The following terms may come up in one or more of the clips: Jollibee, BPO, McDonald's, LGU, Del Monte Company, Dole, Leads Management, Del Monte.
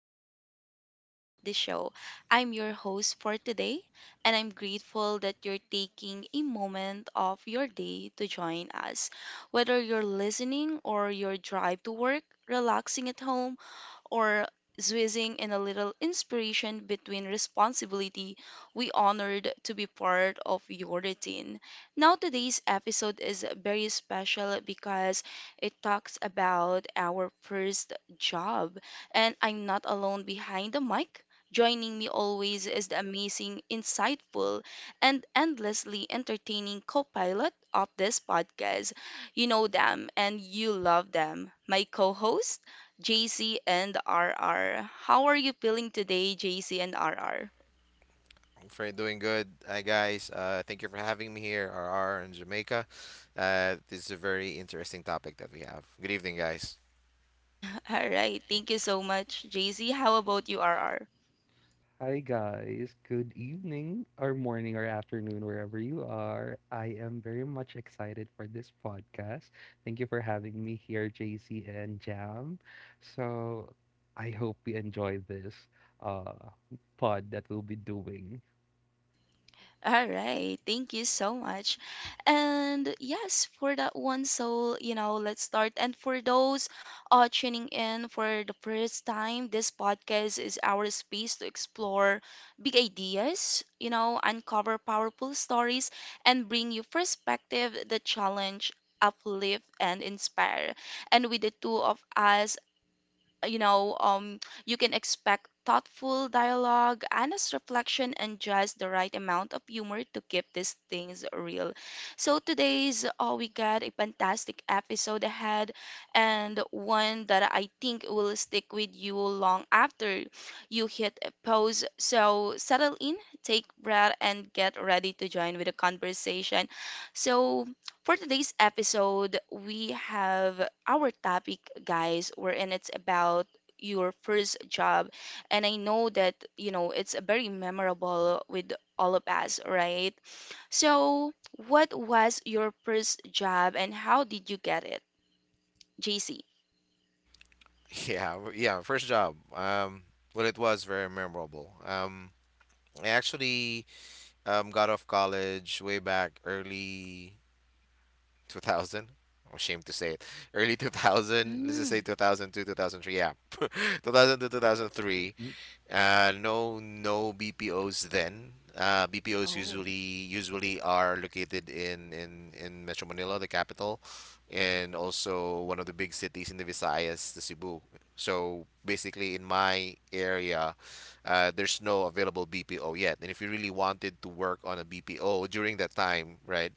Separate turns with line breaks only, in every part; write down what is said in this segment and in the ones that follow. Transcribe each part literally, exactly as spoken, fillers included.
another episode of the show. I'm your host for today, and I'm grateful that you're taking a moment of your day to join us. Whether you're listening or your drive to work, relaxing at home, or squeezing in a little inspiration between responsibility, we honored to be part of your routine. Now, today's episode is very special because it talks about our first job, and I'm not alone behind the mic. Joining me always is the amazing, insightful, and endlessly entertaining co pilot of this podcast. You know them and you love them. My co host? J C and R R, how are you feeling today, J C and R R?
For doing good. Hi guys, uh, thank you for having me here, R R in Jamaica. Uh, this is a very interesting topic that we have. Good evening, guys.
All right. Thank you so much, J C. How about you, R R?
Hi guys, good evening or morning or afternoon wherever you are. I am very much excited for this podcast. Thank you for having me here, J C and Jam. So I hope we enjoy this uh pod that we'll be doing.
All right, thank you so much. And yes, for that one, so you know, let's start. And for those uh, tuning in for the first time, this podcast is our space to explore big ideas, you know, uncover powerful stories, and bring you perspective, the challenge, uplift, and inspire. And with the two of us, you know, um, you can expect thoughtful dialogue, honest reflection, and just the right amount of humor to keep these things real. So today's, oh, we got a fantastic episode ahead, and one that I think will stick with you long after you hit pause. So settle in, take breath, and get ready to join with the conversation. So for today's episode, we have our topic, guys, wherein it's about your first job. And I know that, you know, it's very memorable with all of us, right? So, what was your first job and how did you get it, J C?
Yeah, w- yeah. First job. Um, well, it was very memorable. Um, I actually um got off college way back early two thousand. I'm ashamed to say it. Early two thousand. Let's just say
Mm,
two thousand two, two thousand three. Yeah, two thousand two, two thousand three.
Mm.
Uh, no, no B P Os then. Uh, B P Os
oh,
usually usually are located in in in Metro Manila, the capital, and also one of the big cities in the Visayas, the Cebu. So basically, in my area, uh, there's no available B P O yet. And if you really wanted to work on a B P O during that time, right?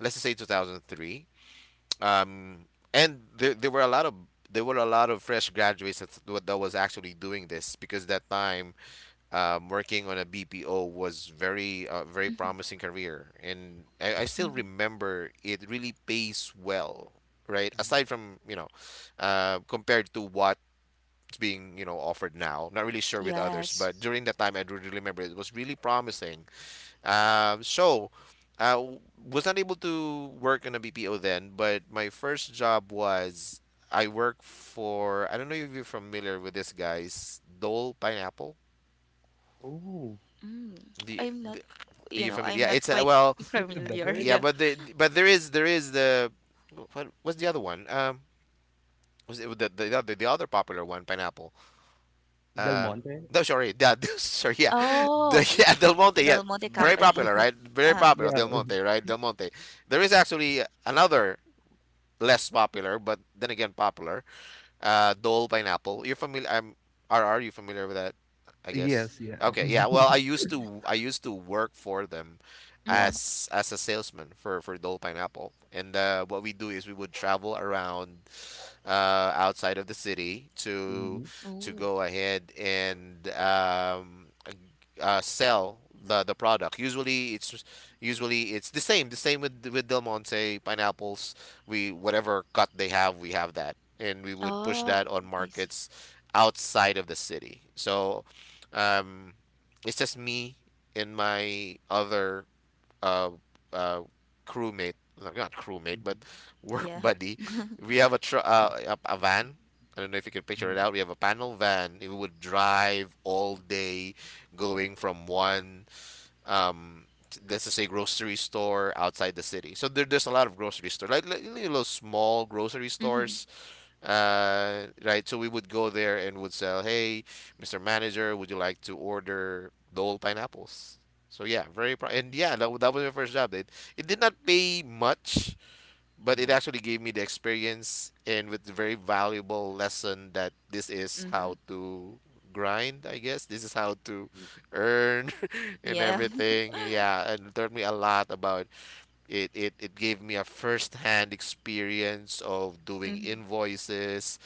Let's just say two thousand three. Um, and there there were a lot of there were a lot of fresh graduates that that was actually doing this because that time, um, working on a B P O was very uh, very promising career, and I, I still
mhm.
remember it really pays well, right?
Mhm.
Aside from, you know, uh, compared to what's being, you know, offered now, not really sure with others,
Yes.
but during that time I do really remember it was really promising. Um, so, I w- was not able to work on a B P O then, but my first job was I work for, I don't know if you're familiar with this guys, Dole Pineapple.
Oh,
Mm,
The,
I'm not,
the are
you
you
know, I'm
familiar? Yeah,
not
it's a,
quite
well,
it's like the
familiar.
beverage.
yeah,
Yeah.
but the but there is there is the, what was the other one? Um, was it the, the other the other popular one, pineapple?
Del
Uh,
Monte.
no, sorry, that sorry, yeah, the
Oh,
yeah Del Monte, yeah,
Del Monte
very popular,
Company.
right? Very
Uh,
popular,
Yeah.
Del Monte, right? Del Monte. There is actually another less popular, but then again popular, uh, Dole pineapple. You're familiar? I'm R R. You familiar with that? I guess.
Yes, yeah.
Okay. Yeah. Well, I used to I used to work for them
Wow.
mm-hmm.
as as a salesman for for Dole pineapple, and uh, what we do is we would travel around, uh, outside of the city to
Mhm.
to
Oh.
go ahead and um, uh, sell the the product. Usually it's usually it's the same the same with with Del Monte pineapples. We, whatever cut they have, we have that, and we would push
Oh,
that on
I see.
markets outside of the city. So, um, it's just me and my other uh, uh, crewmate, no, not crewmate, but
Mhm.
work
Yeah.
buddy. We have a tr uh, a, a van. I don't know if you can picture
Mhm.
it out. We have a panel van. It would drive all day, going from one um t- let's just say grocery store outside the city. So there, there's a lot of grocery store, like, like little small grocery
Mm-hmm.
stores, uh, right. So we would go there and would sell, "Hey, mister Manager, would you like to order Dole pineapples?" So yeah, very pro and yeah, that, wa- that was my first job. It it did not pay much, but it
Mhm.
actually gave me the experience and with the very valuable lesson that this is
Mm-hmm.
how to grind, I guess. This is how to
Mhm.
earn, and
Yeah.
everything. Yeah, and it taught me a lot about it. It it gave me a first-hand experience of doing
Mm-hmm.
invoices,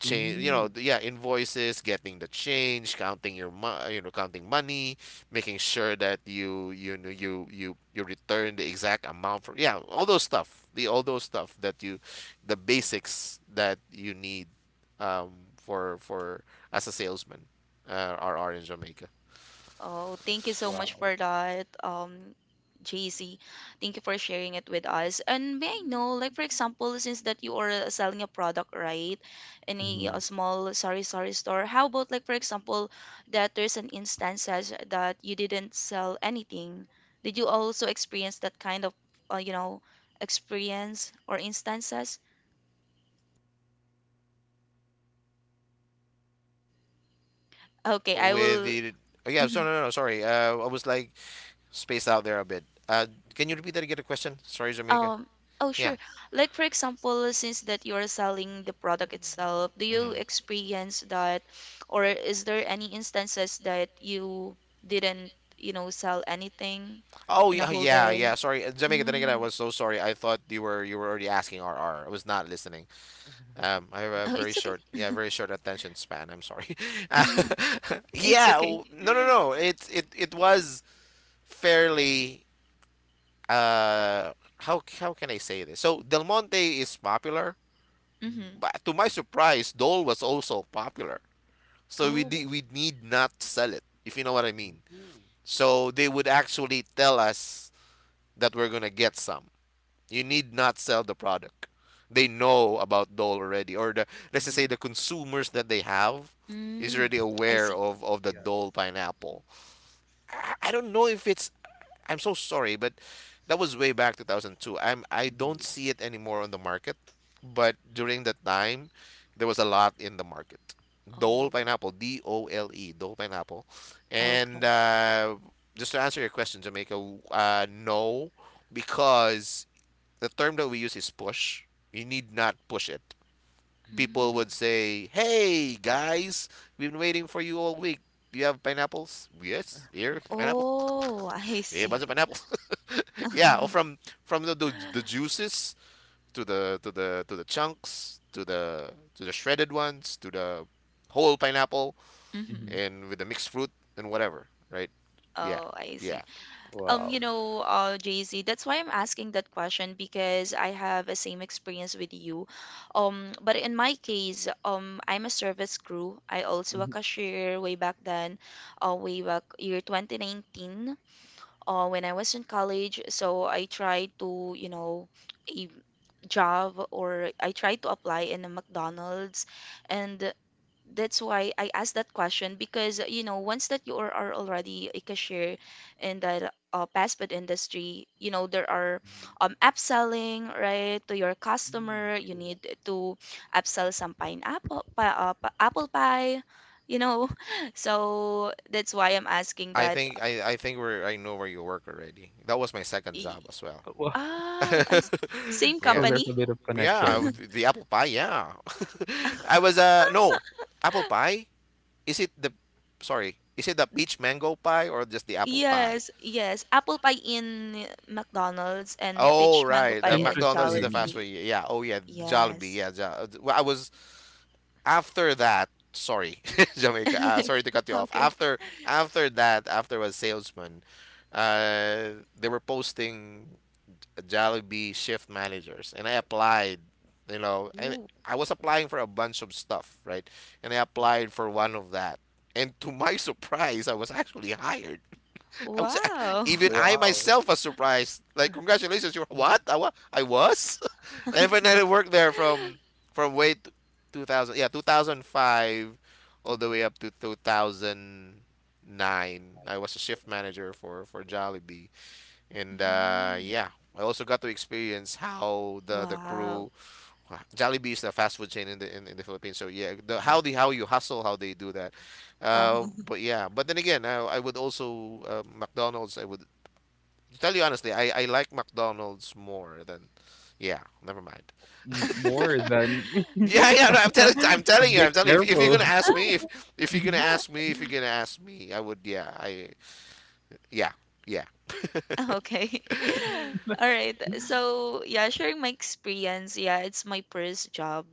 change, you know,
Mm.
yeah, invoices, getting the change, counting your mo- you know, counting money, making sure that you you know you you you return the exact amount for, yeah, all those stuff, the all those stuff that you, the basics that you need, um for for as a salesman, uh, are are in Jamaica
Oh, thank you so much
Wow.
for that, um, J C. Thank you for sharing it with us. And may I know, like for example, since that you are uh, selling a product, right, in a,
Mhm.
uh small, sorry sorry store, how about like for example that there's an instances that you didn't sell anything? Did you also experience that kind of, uh, you know, experience or instances?
uh
Okay, I
with
will.
the. Oh, yeah, so
Mm-hmm.
no no no sorry, uh I was like spaced out there a bit, uh can you repeat that again the question, sorry Jamaica?
Um, oh,
Yeah.
sure. Like for example, since that you're selling the product itself, do you
Hmm.
experience that, or is there any instances that you didn't, you know, sell anything
Oh,
in a
yeah,
whole
yeah, yeah.
day?
Sorry, uh, Jamaica. Then again, I
Mm.
was so sorry. I thought you were you were already asking R R. I was not listening. Um, I have a
Oh,
very
it's okay.
short, yeah, very short attention span. I'm sorry. Uh,
It's
yeah,
okay.
w- no, no, no. It it it was fairly. Uh, how how can I say this? So Del Monte is popular,
Mhm.
Mm-hmm.
but to my
Mhm.
surprise, Dole was also popular. So we de-
Oh.
we need not sell it, if you know what I mean.
Ooh.
So they would actually tell us that we're gonna get some. You need not sell the product. They know about Dole already, or the, let's just say
Mhm.
the consumers that they have is
Mm.
already
I
aware
see.
of of the
Yeah.
Dole pineapple. I, I don't know if it's. I'm so sorry, but that was way back two thousand two. I'm I don't
Mhm.
see it anymore on the market, but during that time, there was a lot in the market. Dole
Oh.
pineapple, D O L E, Dole pineapple, and
Okay.
uh, just to answer your question, Jamaica, uh, no, because the term that we use is push. You need not push it. People
Mhm.
Mm.
would say, "Hey guys, we've been waiting for you all week. Do you have pineapples? Yes, here pineapple.
Oh, I
we have a
see.
bunch of pineapples." Yeah, or from from the, the the juices to the to the to the chunks to the to the shredded ones to the whole pineapple
Mm-hmm.
Mhm.
and with the mixed fruit and whatever, right? Yeah,
Oh, I
yeah.
see. Um, you
Wow.
know, uh, Jay-Z, that's why I'm asking that question because I have a same experience with you. Um, but in my case, um, I'm a service crew. I also a
Mhm.
cashier way back then, uh, way back year twenty nineteen, uh, when I was in college. So I tried to, you know, a job or I tried to apply in a McDonald's, and that's why I asked that question because uh, you know once that you are, are already a cashier in the uh, fast food industry, you know there are
Mhm.
um upselling right to your
Mhm.
customer. You
True.
need to upsell some pineapple pa, uh, pa- apple pie, you know. So that's why I'm asking
I
that.
think I, I think we're, I know where you work already. That was my second
Y-
job as well.
Uh, Wow.
Oh, I s- same
So
Yeah.
company.
there's a bit of
Yeah,
connection.
th- the apple pie, yeah. I was uh no, apple pie? Is it the, sorry, is it the peach mango pie or just the apple pie?
Yes, yes. Apple pie in McDonald's and
Oh,
peach mango
right.
pie
The
in
McDonald's is the
Interesting.
fast
Jollibee.
food. Yeah. Oh, yeah. The Jollibee.
Yes.
Yeah. Jo- uh, well, I was after that. Sorry, Jamaica. Uh, sorry to cut you off.
Okay.
After after that, after I was salesman, uh, they were posting Jollibee shift managers, and I applied. You know, and
Oh,
I was applying for a bunch of stuff, right? And I
Mhm.
applied for one of that. And to my surprise, I was actually hired. I was
wow.
even I
Wow.
myself was surprised. Like, congratulations, you're
Mhm.
what? I, wa- I was. And when I worked there from from way t- two thousand, yeah, two thousand five all the way
Mhm.
up to two thousand nine. I was a shift manager for for Jollibee. And uh,
Mm.
yeah, I also got to experience how the the
Wow.
crew, Jollibee is the fast food chain in the in, in the Philippines. So yeah, the, how
Mhm.
the how you hustle, how they do that. Uh,
Uh-huh.
but yeah, but then again, I, I would also, uh, McDonald's. I would, to tell you honestly, I I like McDonald's more than. Yeah, never mind.
M- More than.
Yeah, yeah, no, I'm telling, I'm
a
telling you, I'm
Be
telling you. If, if you're
careful.
gonna ask me, if if you're gonna
Mhm.
ask me, if you're gonna ask me, I would, yeah, I, yeah, yeah,
Okay. All right. So, yeah, sharing my experience. Yeah, it's my first job.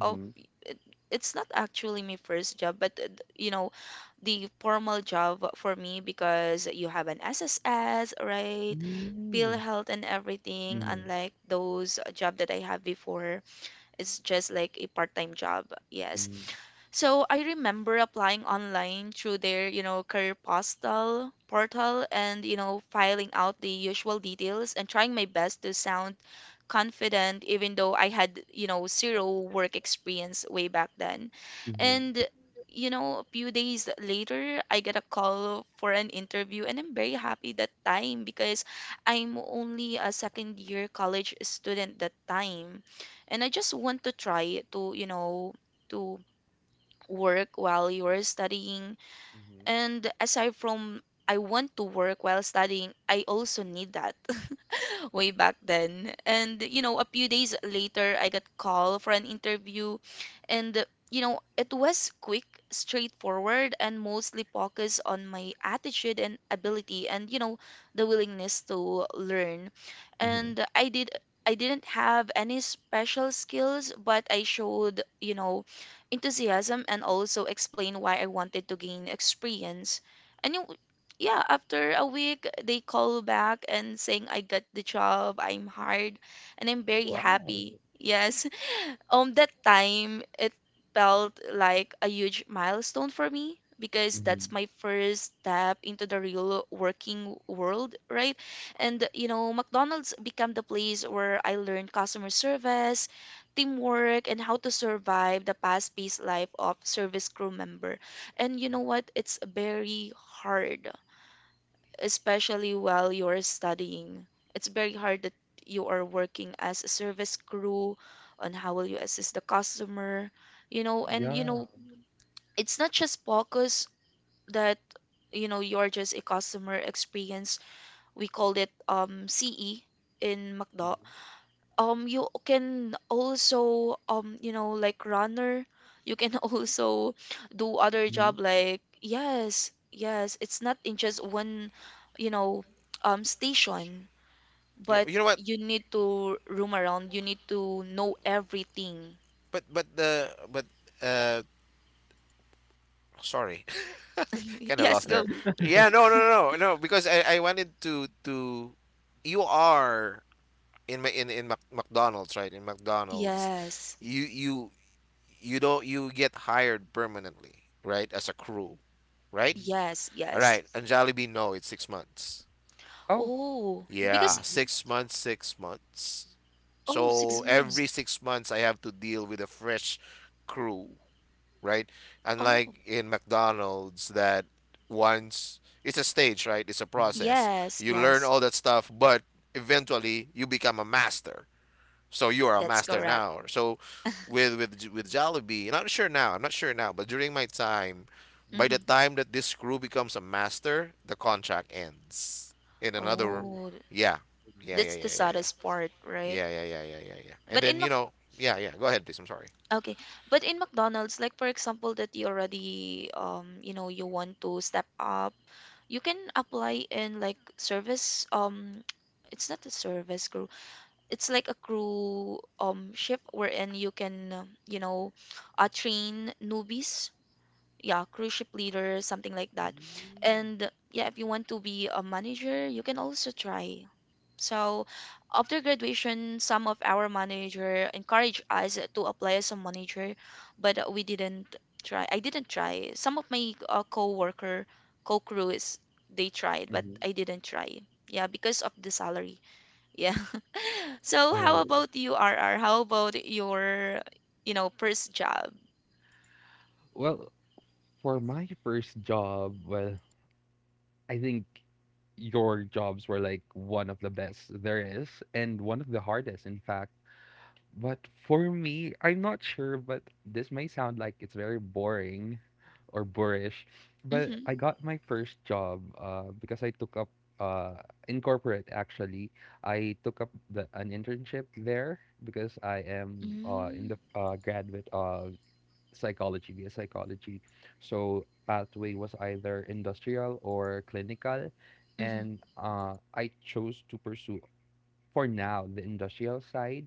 Oh, it, it's not actually my first job, but uh, th- you know, the formal job for me because you have an S S S, right? Bill
Mm.
health and everything,
Mhm.
unlike those job that I have before. It's just like a part-time job.
Mhm.
Yes.
Mhm.
So I remember applying online through their, you know, career postal portal and, you know, filing out the usual details and trying my best to sound confident, even though I had, you know, zero work experience way back then.
Mhm.
And, you know, a few days later, I get a call for an interview, and I'm very happy that time because I'm only a second year college student that time and I just want to try to, you know, to work while you're studying.
Mhm.
And aside from I want to work while studying, I also need that. way back then. And you know, a few days later, I got called for an interview, and you know, it was quick, straightforward, and mostly focused on my attitude and ability, and you know, the willingness to learn.
Mhm.
And I did. I didn't have any special skills, but I showed, you know, enthusiasm and also explained why I wanted to gain experience. And you yeah, after a week, they call back and saying I got the job, I'm hired, and I'm very
Wow.
happy. Yes. Um, that time it felt like a huge milestone for me because that's
Mhm.
my first step into the real working world, right? And you know, McDonald's became the place where I learned customer service, teamwork, and how to survive the fast-paced life of service crew member. And you know what? It's very hard especially while you're studying. It's very hard that you are working as a service crew on how will you assist the customer, you know, and you
Yeah.
know, it's not just focus that you know you're just a customer experience. We called it um C E in McDo. Um you can also um you know like runner, you can also do other
Mhm.
job like yes, yes, it's not in just one, you know um station,
yeah.
but
You know what?
you need to roam around. You need to know everything.
but but the but uh sorry, kind of
Yes,
lost there.
go.
Mhm.
Yeah, no no no no no, because i i wanted to to you are in my in in Mac- McDonald's, right, in McDonald's,
Yes,
you you you don't, you get hired permanently, right, as a crew, right?
Mhm.
yes,
All
yes.
right, and Jollibee no, it's six months.
Oh.
Oh,
Yeah,
because,
Mhm.
six months six months
oh,
so
six
Yeah.
every
s-
six months I have to deal with a fresh crew, right?
oh,
Unlike in McDonald's, that once it's a stage, right? It's a
Mhm.
process.
yes,
You learn
yes,
all that stuff, but eventually you become a master. So you are a
that's
master
correct.
now. So with with with Jollibee, and I'm not sure now. I'm not sure now, but during my time, by the
Hmm.
Mhm.
time that this crew becomes a master, the contract ends. In another,
Oh,
Oh,
yeah,
goodness.
yeah, yeah,
that's the
yeah, yeah, yeah.
saddest part, right?
Yeah, yeah, yeah, yeah, yeah, yeah. And
But
then,
in
you
Mac
know, yeah, yeah. Go ahead, please. I'm sorry.
Okay, but in McDonald's, like for example, that you already um you know you want to step up, you can apply in like service um it's not a service crew. It's like a crew um ship wherein you can um, you know uh, train newbies. Yeah, crew ship leader, something like that.
Mm.
And yeah, if you want to be a manager, you can also try. So after graduation, some of our manager encouraged us to apply as a manager, but we didn't try. I didn't try. Some of my uh, co-worker, co-crews, they tried, but
Mhm.
I didn't try. Yeah, because of the salary. Yeah. So how
Oh, yeah.
about you, R R? How about your, you know, first job?
Well, for my first job, well, I think your jobs were like one of the best there is, and one of the hardest, in fact. But for me, I'm not sure, but this may sound like it's very boring or boorish, but
Mm-hmm.
I got my first job uh, because I took up uh, in corporate actually. I took up the, an internship there because I am uh, in
Mm-hmm.
the uh, graduate of psychology, via psychology. So pathway was either industrial or clinical,
Mm-hmm.
and uh, I chose to pursue, for now, the industrial side.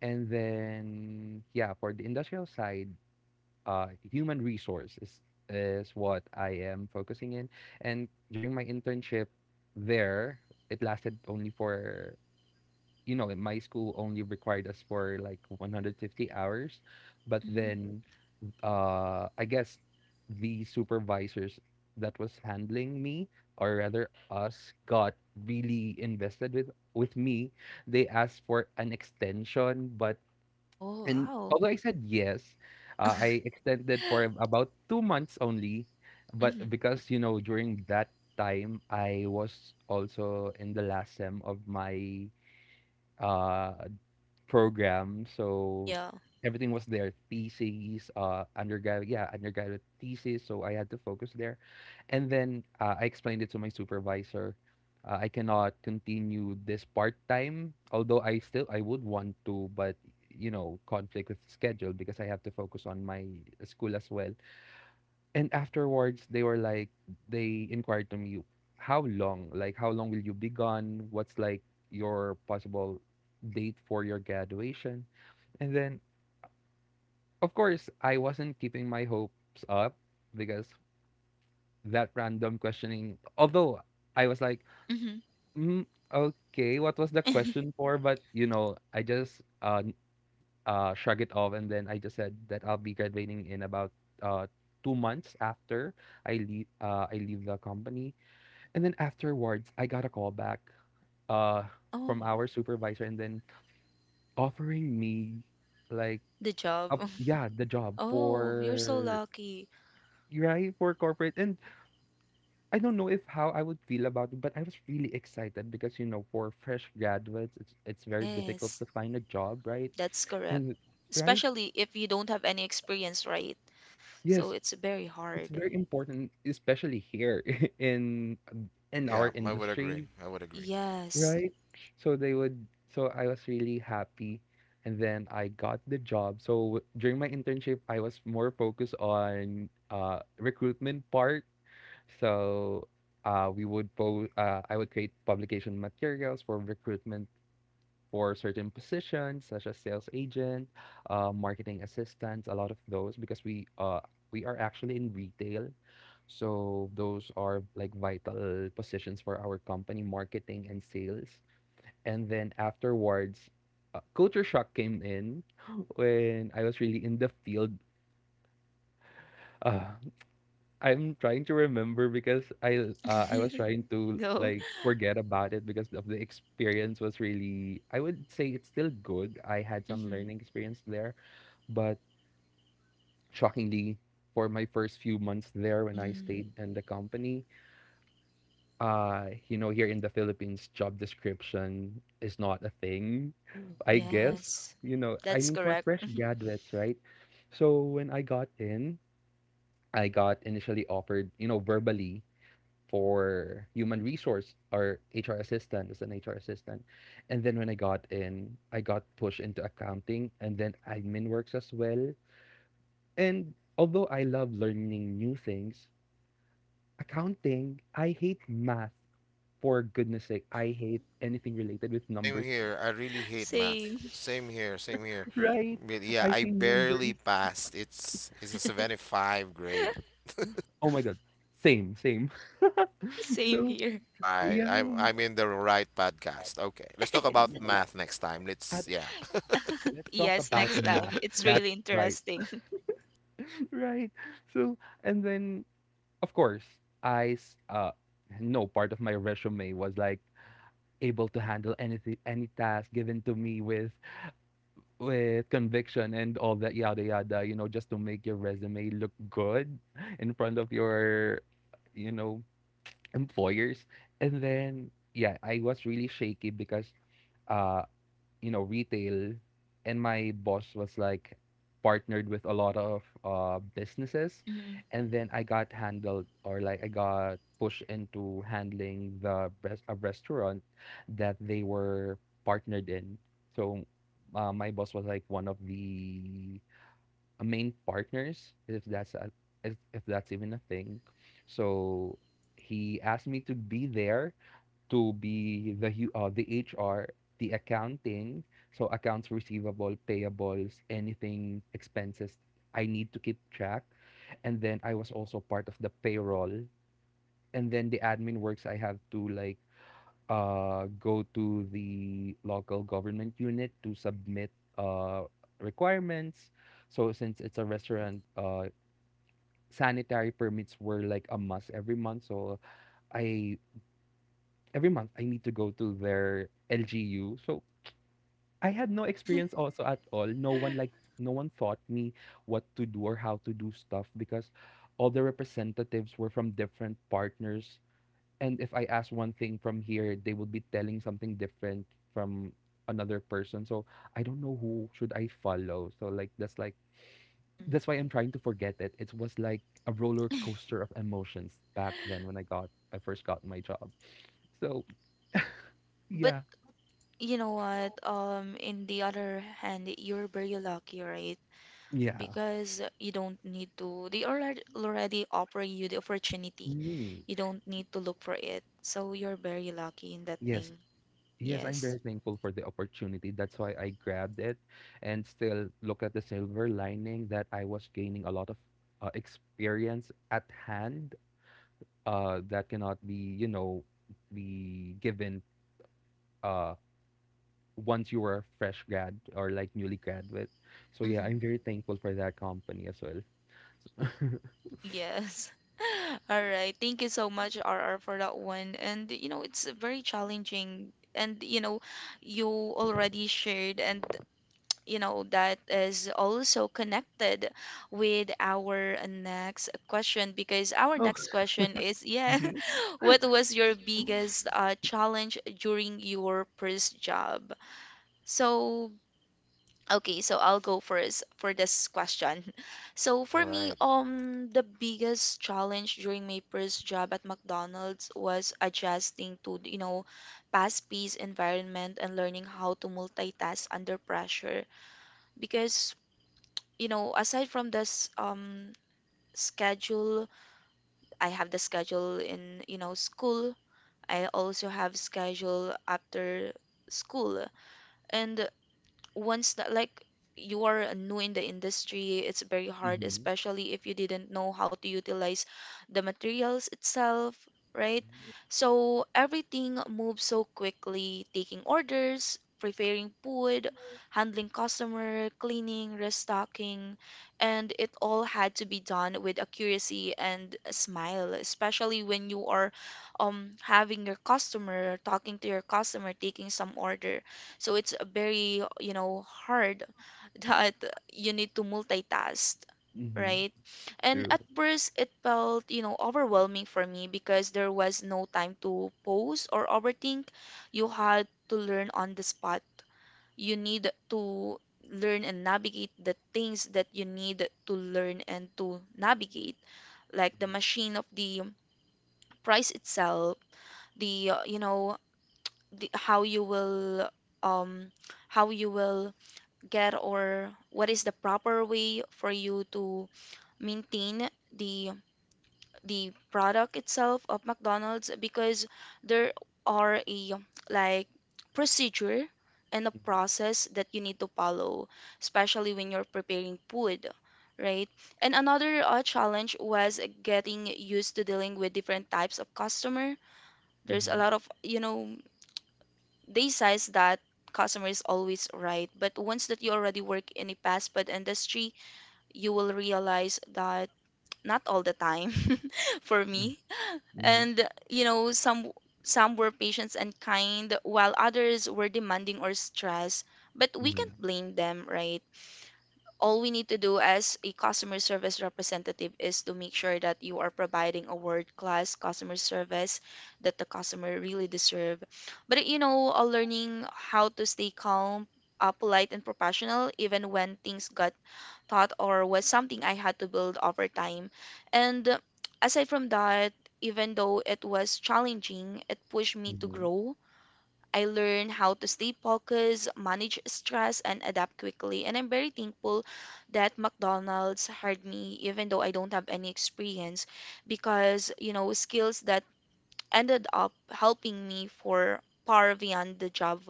And then, yeah, for the industrial side, uh, human resource is, is what I am focusing in. And during my internship there, it lasted only for, you know, in my school only required us for like one hundred fifty hours. But
Mm-hmm.
then uh I guess the supervisors that was handling me, or rather us, got really invested with with me. They asked for an extension, but
Oh,
and
wow.
although I said yes, uh, I extended for ab- about two months only, but
Mm-hmm.
because you know during that time I was also in the last sem of my uh program. So
Yeah.
everything was there, theses, uh, undergraduate, yeah, undergraduate thesis. So I had to focus there. And then uh, I explained it to my supervisor. Uh, I cannot continue this part time, although I still I would want to, but you know, conflict with schedule because I have to focus on my school as well. And afterwards, they were like, they inquired to me, how long? Like, how long will you be gone? What's like your possible date for your graduation? And then, of course, I wasn't keeping my hopes up because that random questioning, although I was like,
Mm-hmm.
mm, okay, what was the question for? But, you know, I just uh, n- uh, shrug it off. And then I just said that I'll be graduating in about uh, two months after I leave, uh, I leave the company. And then afterwards, I got a call back uh, from
Oh,
our supervisor and then offering me like,
the job.
a, yeah, the job
Oh, you're so
for
lucky.
right for corporate. And I don't know if how I would feel about it, but I was really excited because you know for fresh graduates it's it's very difficult
Yes,
to find a job, right?
that's correct.
And right,
Especially if you don't have any experience, right? So
yes,
it's very
it's
hard.
very important, especially here in in our
Yeah, I would agree.
industry,
I would agree.
Yes.
right? So they would so I was really happy, and then I got the job. So during my internship, I was more focused on uh recruitment part. So uh, we would po- uh, I would create publication materials for recruitment for certain positions such as sales agent, uh, marketing assistants, a lot of those because we uh, we are actually in retail. So those are like vital positions for our company, marketing and sales. And then afterwards, uh, culture shock came in when I was really in the field. Uh, I'm trying to remember because I uh, I was trying to
Go.
like forget about it because of the experience was really, I would say, it's still good. I had some
Mm-hmm.
learning experience there, but shockingly for my first few months there when I
Mm,
stayed in the company, uh you know here in the Philippines job description is not a thing, I guess.
yes.
You know, I
That's
mean for
correct.
fresh graduates, right? So when I got in, I got initially offered, you know, verbally for human resource or H R assistant as an H R assistant. And then when I got in, I got pushed into accounting and then admin works as well. And although I love learning new things, accounting, I hate math. For goodness sake, I hate anything related with
Same
numbers.
here. I really hate math.
Same.
Same here. Same here.
Right?
But yeah,
I
I
see numbers.
barely passed. It's it's a seventy-five grade.
Oh my god. Same, same.
Same
So,
here.
All right.
yeah.
I'm I'm in the right podcast. Okay. Let's talk about math next time. Let's yeah.
Let's talk
Yes,
about
next time.
math.
It's really
That's right.
interesting.
Right. So, and then, of course, I s- uh, no part of my resume was like able to handle anything, any task given to me with with conviction and all that yada yada. You know, just to make your resume look good in front of your, you know, employers. And then, yeah, I was really shaky because uh you know retail, and my boss was like partnered with a lot of uh, businesses.
Hmm.
And then I got handled, or like I got pushed into handling the res- a restaurant that they were partnered in. So uh, my boss was like one of the uh, main partners, if that's a, if, if that's even a thing. So he asked me to be there, to be the hu- uh, the H R, the accounting, so accounts receivable, payables, anything expenses I need to keep track. And then I was also part of the payroll. And then the admin works I have to like uh go to the local government unit to submit uh requirements. So since it's a
Hmm.
restaurant, uh sanitary permits were like a must every month. So I every month I need to go to their L G U. So I had no experience also at all. No one like no one taught me what to do or how to do stuff because all the representatives were from different partners. And if I asked one thing from here, they would be telling something different from another person. So I don't know who should I follow. So like that's like
Hmm.
that's why I'm trying to forget it. It was like a roller coaster of emotions back then when I got I first got my job. So
But
yeah.
you know what? Um, in the other hand, you're very lucky, right?
Yeah.
Because you don't need to, they already already offer you the opportunity,
Mm,
you don't need to look for it, so you're very lucky in that
yes.
thing.
Yes, I'm
Yes.
very thankful for the opportunity. That's why I grabbed it and still look at the silver lining that I was gaining a lot of uh, experience at hand uh, that cannot be, you know, be given uh, once you were a fresh grad or like newly graduate. So yeah, I'm
Hmm.
very thankful for that company as well.
Yes. All right, thank you so much, R R, for that one, and you know it's very challenging, and you know you already shared, and you know, that is also connected with our next question, because our
Oh.
next question is,
Mm.
yeah,
Mhm.
what was your biggest uh, challenge during your first job? So, okay, so I'll go first for this question. So for
All
me,
right.
um, the biggest challenge during my first job at McDonald's was adjusting to, you know, fast-paced environment and learning how to multitask under pressure. Because you know, aside from this um, schedule, I have the schedule in, you know, school. I also have schedule after school. And once that like you are new in the industry, it's very hard, especially if you didn't know how to utilize the materials itself, right?
Mm-hmm.
So everything moves so quickly, taking orders, preparing food, handling customer, cleaning, restocking, and it all had to be done with accuracy and a smile, especially when you are um having your customer, talking to your customer, taking some order, so it's a very, you know, hard that you need to multitask,
Mm-hmm.
right? And
True.
at first, it felt, you know, overwhelming for me because there was no time to pause or overthink. You had to learn on the spot. You need to learn and navigate the things that you need to learn and to navigate, like the machine of the price itself, the, uh, you know, the, how you will, um, how you will get or what is the proper way for you to maintain the the product itself of McDonald's because there are a like procedure and a process that you need to follow, especially when you're preparing food, right? And another uh, challenge was getting used to dealing with different types of customer. There's a
Mm-hmm.
lot of, you know, they says that customer is always right, but once that you already work in a fast food industry, you will realize that not all the time for me.
Mm-hmm.
And you know, some some were patient and kind, while others were demanding or stressed. But we can't blame them, right? All we need to do as a customer service representative is to make sure that you are providing a world-class customer service that the customer really deserve. But you know, uh, learning how to stay calm, uh, polite, and professional even when things got thought or was something I had to build over time. And uh, Aside from that, even though it was challenging, it pushed me to
Mm-hmm.
grow. I learned how to stay focused, manage stress, and adapt quickly. And I'm very thankful that McDonald's hired me, even though I don't have any experience, because, you know, skills that ended up helping me for far beyond the job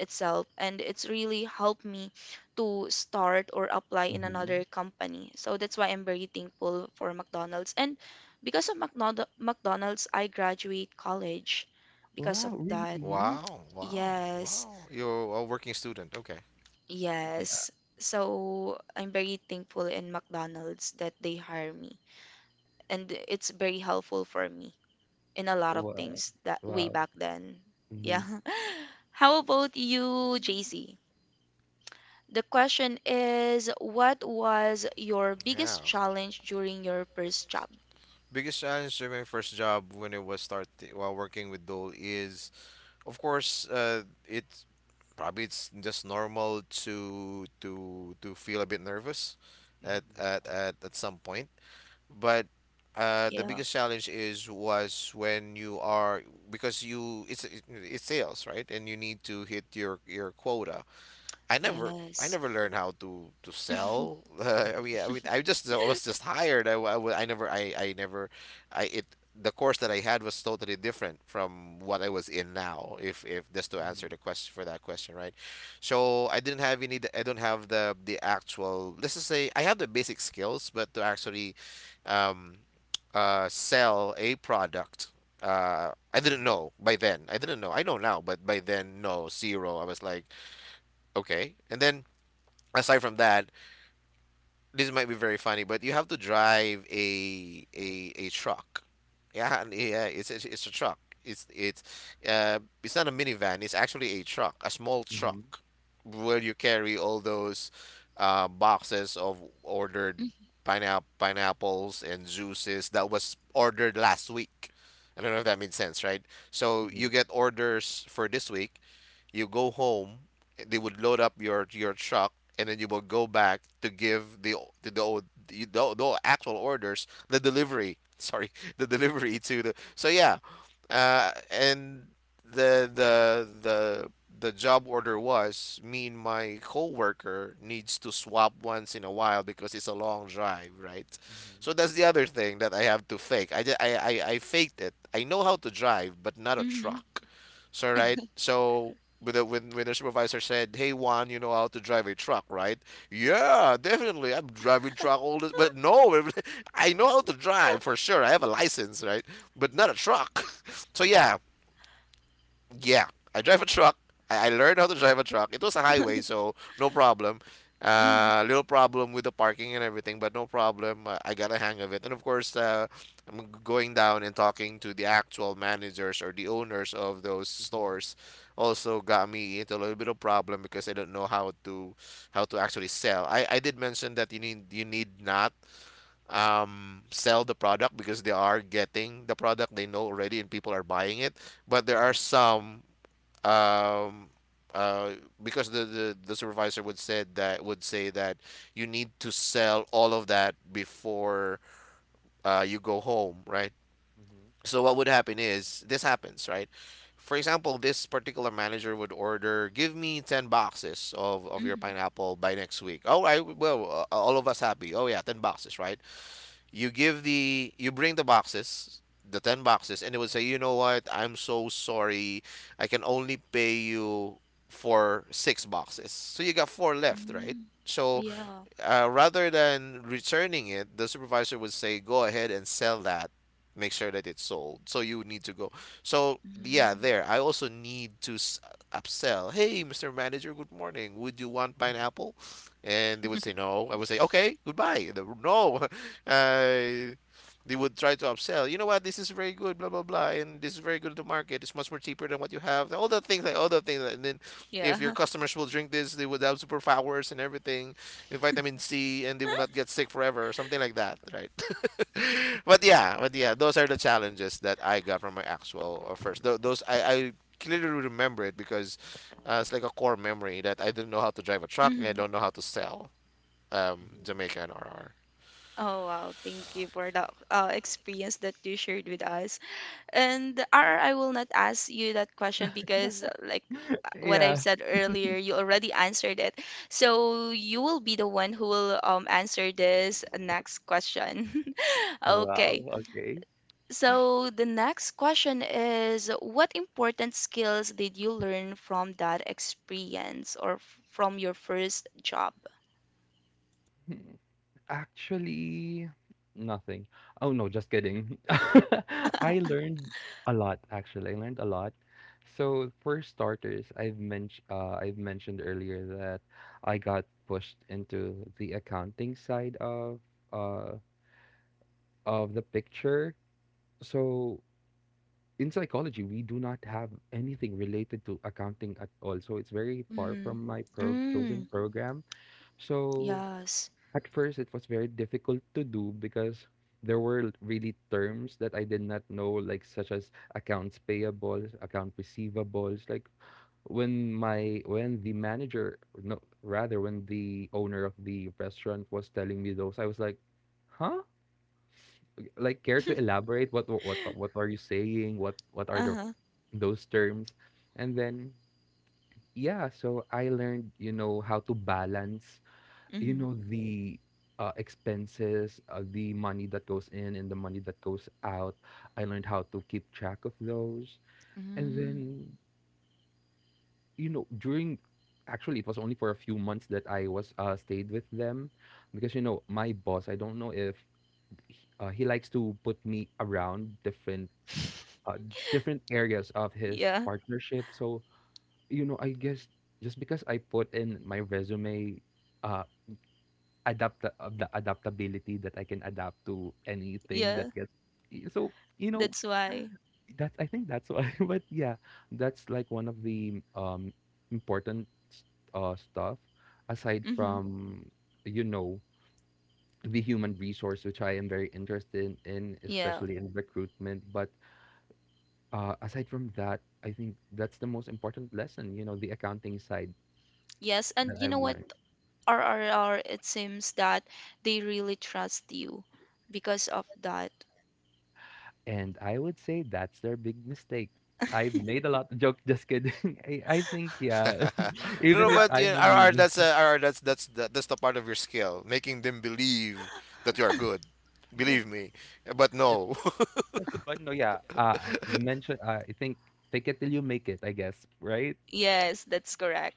itself, and it's really helped me to start or apply in
Mm-hmm.
another company. So that's why I'm very thankful for McDonald's. And because of McDonald- mcdonald's I graduate college because of
Wow,
that.
really?
Wow. Wow.
Yes,
Wow. You're a working student. Okay.
Yeah.
yes, so I'm very thankful in McDonald's that they hire me, and it's very helpful for me in a lot of
Wow.
things that way
Wow.
back then.
Mm-hmm.
Yeah. How about you, J C? The question is, what was your
Yeah.
biggest challenge during your first job?
Biggest challenge during my first job when it was start while working with Dole is, of course, uh, it probably it's just normal to to to feel a bit nervous at
Mhm, yeah.
at at, at some point, but uh, the
Yeah.
biggest challenge is was when you are because you, it's it- it's sales, right, and you need to hit your your quota. I never I
Yes.
never learned how to to sell. I mean, I mean, I just I was just hired. I, I, wa- I never I, I never, I it the course that I had was totally different from what I was in now. If if just to answer the question for that question, right? So I didn't have any. I don't have the the actual. Let's just say I have the basic skills, but to actually, um, uh, sell a product. Uh, I didn't know by then. I didn't know. I know now, but by then, no, zero. I was like, okay. And then aside from that, this might be very funny, but you have to drive a a a truck. Yeah, and yeah, it's it's, it's a truck. It's it's uh it's not a minivan, it's actually a truck, a small
Mm-hmm.
truck where you carry all those uh boxes of ordered pineapple pineapples and juices that was ordered last week. I don't know if that made sense, right? So you get orders for this week, you go home, they would load up your your truck, and then you will go back to give the o- to the o- the, the, the actual orders the delivery sorry the delivery to the, so yeah. Uh, and the the the the job order was me and my coworker needs to swap once in a while because it's a long drive, right? So that's the other thing that I have to fake. I, ju- I, I, I faked it. I know how to drive, but not a
Mm-hmm.
truck. So right so when the, when, when the supervisor said, "Hey Juan, you know how to drive a truck, right?" Yeah, definitely. I'm driving truck all this, but no, I know how to drive for sure. I have a license, right? But not a truck. So yeah, yeah, I drive a truck. I, I learned how to drive a truck. It was a highway, so no problem.
Mm-hmm.
Uh, little problem with the parking and everything, but no problem. I, I got a hang of it. And of course, uh, I'm going down and talking to the actual managers or the owners of those stores. Also got me into a little bit of problem because I don't know how to, how to actually sell. I, I did mention that you need you need not, um, sell the product, because they are getting the product, they know already, and people are buying it. But there are some, um uh because the, the the supervisor would said that would say that you need to sell all of that before uh you go home, right? So what would happen is, this happens, right? For example, this particular manager would order, give me ten boxes of of your pineapple by next week. Oh, I, well, uh, all of us happy. Oh yeah, ten boxes, right? You give the you bring the boxes, the ten boxes, and they would say, "You know what, I'm so sorry, I can only pay you for six boxes." So you got four left, right?
Mm-hmm.
So,
Yeah.
uh, rather than returning it, the supervisor would say, "Go ahead and sell that. Make sure that it's sold." So you would need to go. So yeah,
Mm-hmm.
there. I also need to s- uh, upsell. Hey, mister Manager, good morning. Would you want pineapple? And they would say no. I would say, "Okay, goodbye." And they would, no, uh, they would try to upsell. You know what? This is very good. Blah blah blah. And this is very good to market. It's much more cheaper than what you have. All the things, like all the things. And then if your
Yeah.
customers will drink this, they would have superpowers and everything, with vitamin C, and they will not get sick forever or something like that, right? But yeah, but yeah, those are the challenges that I got from my actual uh, first. Th- those I, I clearly remember it, because uh, it's like a core memory that I didn't know how to drive a truck and I
Mm-hmm.
don't know how to sell, um, Jamaica and R R.
Oh, wow. Thank
Wow.
you for that uh, experience that you shared with us. And R, I will not ask you that question because, uh, like uh, what I've
Yeah.
said earlier, you already answered it. So you will be the one who will um, answer this next question.
Wow.
Okay.
Okay.
So the next question is, what important skills did you learn from that experience or f- from your first job?
Hmm. Actually, nothing. Oh no, just kidding. I learned a lot actually. I learned a lot. So for starters, I've mentioned uh, I've mentioned earlier that I got pushed into the accounting side of uh of the picture. So in psychology, we do not have anything related to accounting at all. So it's very far
Mm-hmm.
from my pro- chosen
Mm,
program. So
yes.
at first, it was very difficult to do because there were really terms that I did not know, like such as accounts payables, account receivables. Like when my when the manager, no, rather when the owner of the restaurant was telling me those, I was like, huh? Like, care to elaborate, what what what are you saying? What what are the
Uh-huh.
those terms? And then yeah, so I learned, you know, how to balance, you
Mm-hmm.
know, the uh, expenses, uh, the money that goes in and the money that goes out. I learned how to keep track of those. And
Mm.
then, you know, during actually it was only for a few months that I was uh, stayed with them because you know, my boss, I don't know if he- uh, he likes to put me around different uh, different areas of his
Yeah,
partnership. So, you know, I guess just because I put in my resume, uh, adapt of the adaptability that I can adapt to anything
yeah,
that gets. So, you know,
that's why.
that's, I think that's why. But yeah, that's like one of the um important s- uh stuff aside
Mm-hmm.
from you know the human resource, which I am very interested in,
Yeah.
especially in recruitment. But uh, aside from that, I think that's the most important lesson, you know, the accounting side
Yes, and
that
you know
I've
what,
learned.
R R R, it seems that they really trust you because of that.
And I would say that's their big mistake. I made a lot of jokes, just kidding. I, I think, yeah,
No, no,
even if
but you
I'm
know,
a
R R,
newbie.
that's uh, R R, that's that's that, that's the part of your skill, making them believe that you are good.
Yes,
Believe me, but
it,
no.
but no, yeah, uh, mention, uh, I think, fake it till you make it, I guess, right?
Yes, that's correct.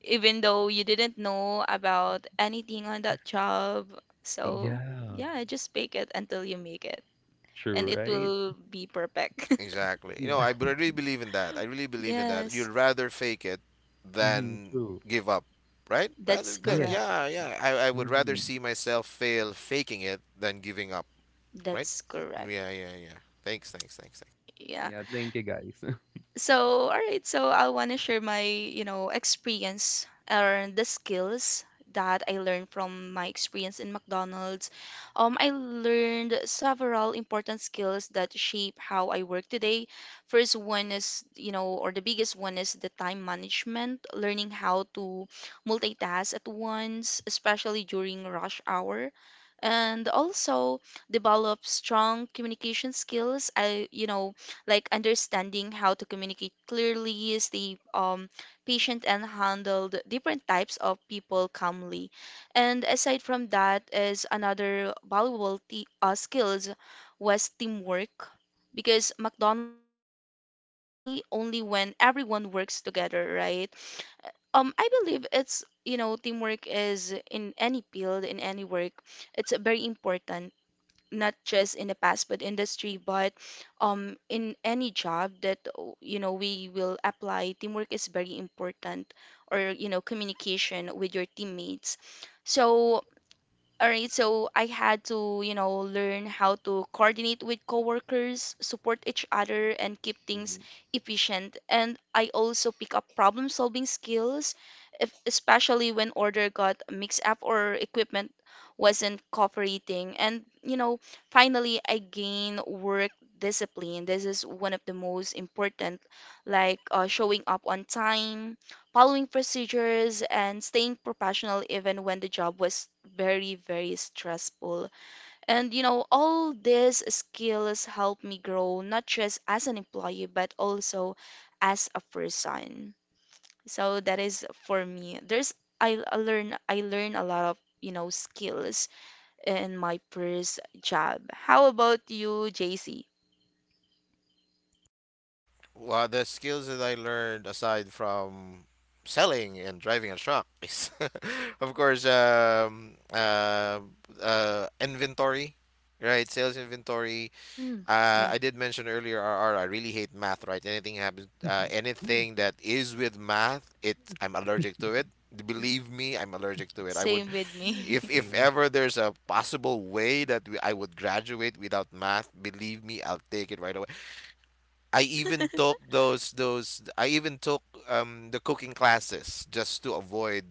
Even though you didn't know about anything on that job. So,
Yeah,
yeah, just bake it until you make it, and
true,
it
right?
will be perfect.
Exactly. You know,
Yeah,
I, b- I really believe in that. I really believe in that.
Yes,
You'd rather fake it
hmm,
than
true.
give up, right? Rather
that's
that,
correct.
Yes,
yeah, yeah. I, I would rather
indeed.
see myself fail faking it than giving up, right?
That's correct.
Yeah, yeah, yeah. Thanks, thanks, thanks, thanks.
Yeah.
Yeah, thank you guys.
So, all right. So, I want to share my, you know, experience or the skills that I learned from my experience in McDonald's. Um, I learned several important skills that shape how I work today. First one is, you know, or the biggest one is the time management, learning how to multitask at once, especially during rush hour. And also develop strong communication skills. I, you know, like understanding how to communicate clearly, stay um, patient, and handle the different types of people calmly. And aside from that, is another valuable t- uh, skills was teamwork, because McDonald's runs smoothly only when everyone works together, right? Um, I believe it's, you know, teamwork is in any field, in any work, it's very important, not just in the past but industry, but um in any job that, oh, you know we will apply, teamwork is very important, or you know communication with your teammates. So, all right, so I had to, you know, learn how to coordinate with coworkers, support each other, and keep things efficient. And I also pick up problem-solving skills, if, especially when order got mixed up or equipment wasn't cooperating. And, you know, finally, I gain work discipline. This is one of the most important, like uh, showing up on time, following procedures, and staying professional even when the job was very, very stressful. And you know all these skills helped me grow, not just as an employee but also as a person. So that is for me. There's i, I learn i learn a lot of you know skills in my first job. How about you, JC?
Well, the skills that I learned aside from selling and driving a truck is, of course, um, uh, uh, inventory, right? Sales inventory.
Mm,
Uh,
yeah,
I did mention earlier, R R, I really hate math, right? Anything happens, uh, anything that is with math, it, I'm allergic to it. Believe me, I'm allergic to it. I would,
same with me.
if if ever there's a possible way that we, I would graduate without math, believe me, I'll take it right away. I even took those those I even took um the cooking classes just to avoid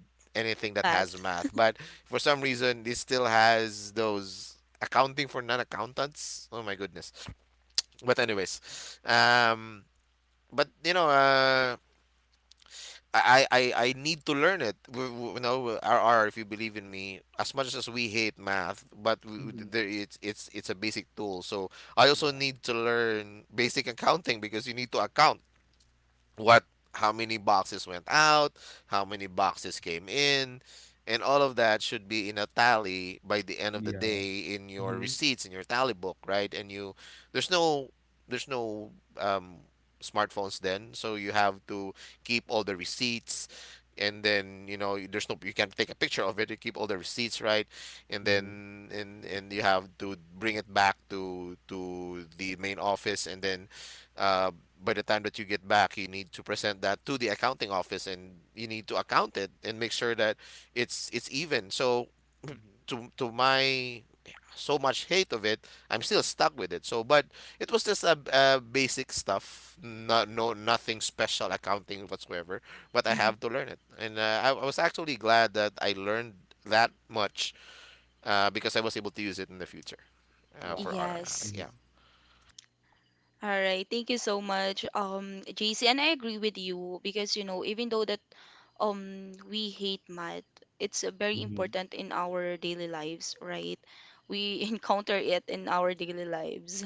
anything that has
Matt.
math. But for some reason, this still has those accounting for non-accountants. Oh my goodness. But anyways, um, but you know, uh, I, I, I I need to learn it. We, we, you know, R R, if you believe in me, as much as we hate math, but we, we- there it's it's it's a basic tool. So I also
Yeah,
need to learn basic accounting because you need to account what, how many boxes went out, how many boxes came in, and all of that should be in a tally by the end of the
yeah.
day, in your
Hmm.
receipts, in your tally book, right? And you, there's no, there's no um smartphones then, so you have to keep all the receipts. And then, you know, there's no, you can take a picture of it, you keep all the receipts, right? and
Hmm.
then and and you have to bring it back to to the main office. And then, uh, by the time that you get back, you need to present that to the accounting office, and you need to account it and make sure that it's it's even. So, to to my so much hate of it, I'm still stuck with it. So, but it was just a, a basic stuff, not, no, nothing special accounting whatsoever. But I have
Mhm.
to learn it. And uh, I, I was actually glad that I learned that much, uh, because I was able to use it in the future, uh, for
Wow.
our
Yes.
yeah
All right, thank you so much, um, J C, and I agree with you because, you know even though that um we hate math, it's uh, very
Mhm.
important in our daily lives, right? We encounter it in our daily lives.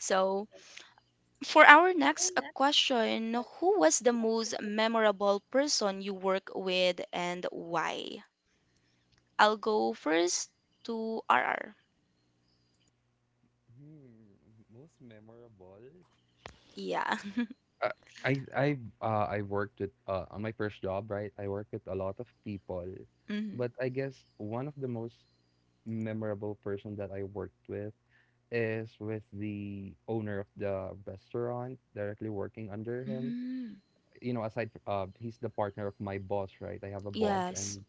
So for our next uh, question, who was the most memorable person you work with and why? I'll go first to R R.
Hmm, most memorable?
Yeah.
Uh, I I uh I worked with uh on my first job, right? I worked with a lot of people,
Hmm.
but I guess one of the most memorable person that I worked with is with the owner of the restaurant, directly working under him.
Mm-hmm.
You know, aside fr- uh he's the partner of my boss, right? I have a boss,
Yes.
and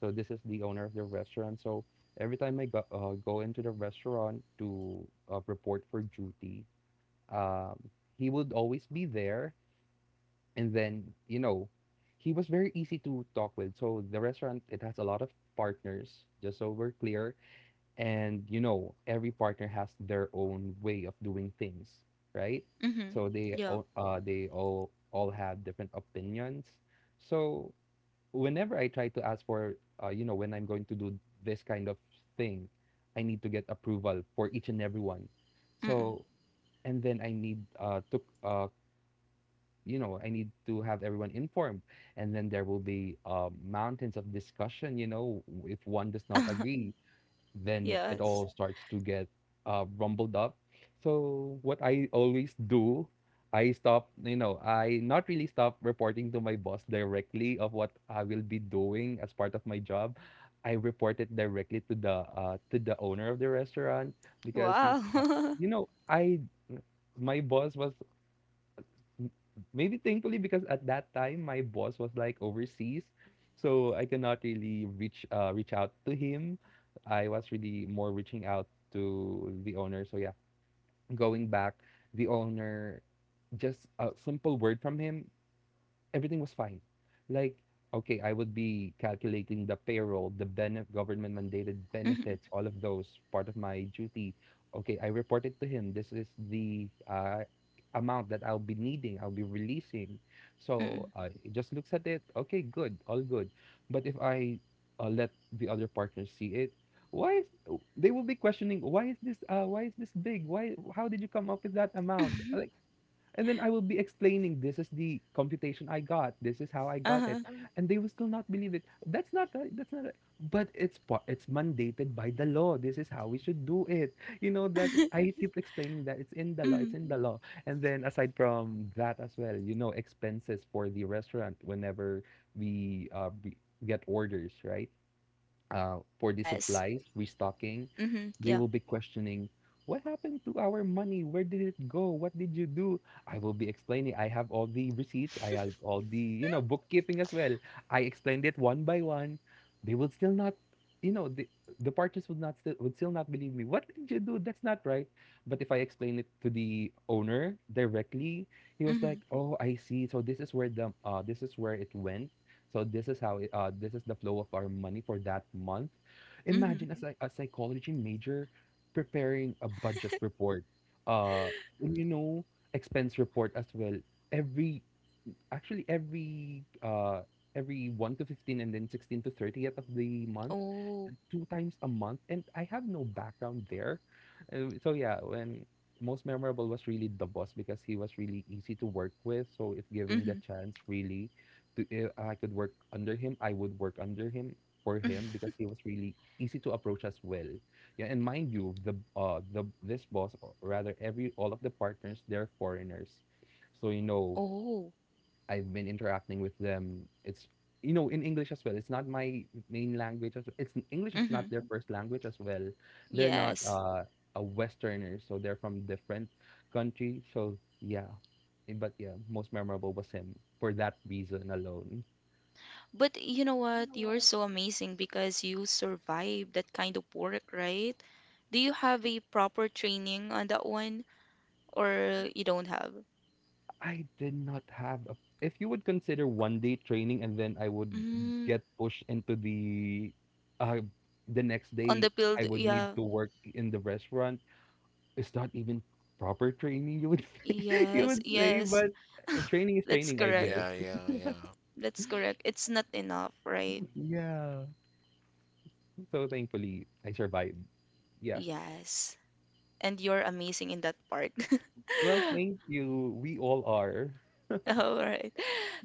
so this is the owner of the restaurant. So every time I go uh, go into the restaurant to uh, report for duty, um, he would always be there. And then, you know, he was very easy to talk with. So the restaurant, it has a lot of partners, just so we're clear. And, you know, every partner has their own way of doing things, right?
Hmm.
So they
Yeah.
all, uh, they all, all have different opinions. So whenever I try to ask for, uh, you know, when I'm going to do this kind of thing, I need to get approval for each and every one.
Mm-mm.
So, and then I need uh, to uh, you know i need to have everyone informed, and then there will be um, mountains of discussion. You know if one does not agree, then it
Yes.
all starts to get uh, rumbled up. So what I always do, i stop you know i not really stop reporting to my boss directly of what I will be doing as part of my job. I report it directly to the uh, to the owner of the restaurant, because you,
Wow.
you know I my boss was, m- maybe thankfully, because at that time my boss was like overseas, so I cannot really reach uh reach out to him. I was really more reaching out to the owner. So yeah, going back, the owner, just a simple word from him, everything was fine. Like, okay, I would be calculating the payroll, the benef government mandated
Mhm,
benefits, all of those, part of my duty. Okay, I reported to him. "This is the uh, amount that I'll be needing, I'll be releasing."
mhm,
So uh, it just looks at it. Okay, good, all good. But if I uh, let the other partners see it, why is they will be questioning, "Why is this uh why is this big, why, how did you come up with that amount?"
mhm.
Uh, and then I will be explaining, "This is the computation I got. This is how I got
Uh-huh.
it," and they will still not believe it. "That's not right. That's not right." But it's pa- it's mandated by the law. This is how we should do it. You know that I keep explaining that it's in the law, it's
Mhm.
in the law. And then, aside from that as well, you know, expenses for the restaurant whenever we uh, b- get orders, right? uh, for the
Yes.
supplies, restocking,
Mhm.
they
Yeah.
will be questioning, "What happened to our money? Where did it go? What did you do?" I will be explaining, "I have all the receipts. I have all the, you know, bookkeeping as well." I explained it one by one. They would still not, you know, the, the partners would not still would still not believe me. "What did you do? That's not right." But if I explain it to the owner directly, he was like,
Mhm.
"Oh, I see. So this is where the uh, this is where it went. So this is how it, uh, this is the flow of our money for that month."
Mhm.
Imagine a, psy- a psychology major preparing a budget report, uh, and you know, expense report as well. Every actually every uh, every one to fifteen and then sixteen to thirtieth of the month,
Oh.
two times a month, and I have no background there. Uh, so yeah, when most memorable was really the boss because he was really easy to work with. So if given the
Mhm.
chance, really, to if I could work under him, I would work under him, for him, because he was really easy to approach as well. Yeah, and mind you, the uh the this boss, or rather every all of the partners, they're foreigners. So, you know,
Oh.
I've been interacting with them. It's you know in English as well. It's not my main language. As It's English is not
Mhm.
their first language as well. They're not
Yes.
uh, a Westerner, so they're from different country. So yeah. Eh, but yeah, most memorable was him for that reason alone.
But you know what? You're so amazing because you survived that kind of work, right? Do you have a proper training on that one, or you don't have?
I did not have a. If you would consider one day training and then I would
Mm.
get pushed into the, uh, the next
On
day,
the
I
field,
would need
yeah.
to work in the restaurant. It's not even proper training, you would you
Yes,
would say,
yes.
but uh, training is
That's
training, I
correct.
guess.
yeah yeah yeah
That's correct. It's not enough, right?
Yeah, so thankfully I survived. Yeah.
Yes. And you're amazing in that part.
Well, thank you. We all are.
All right.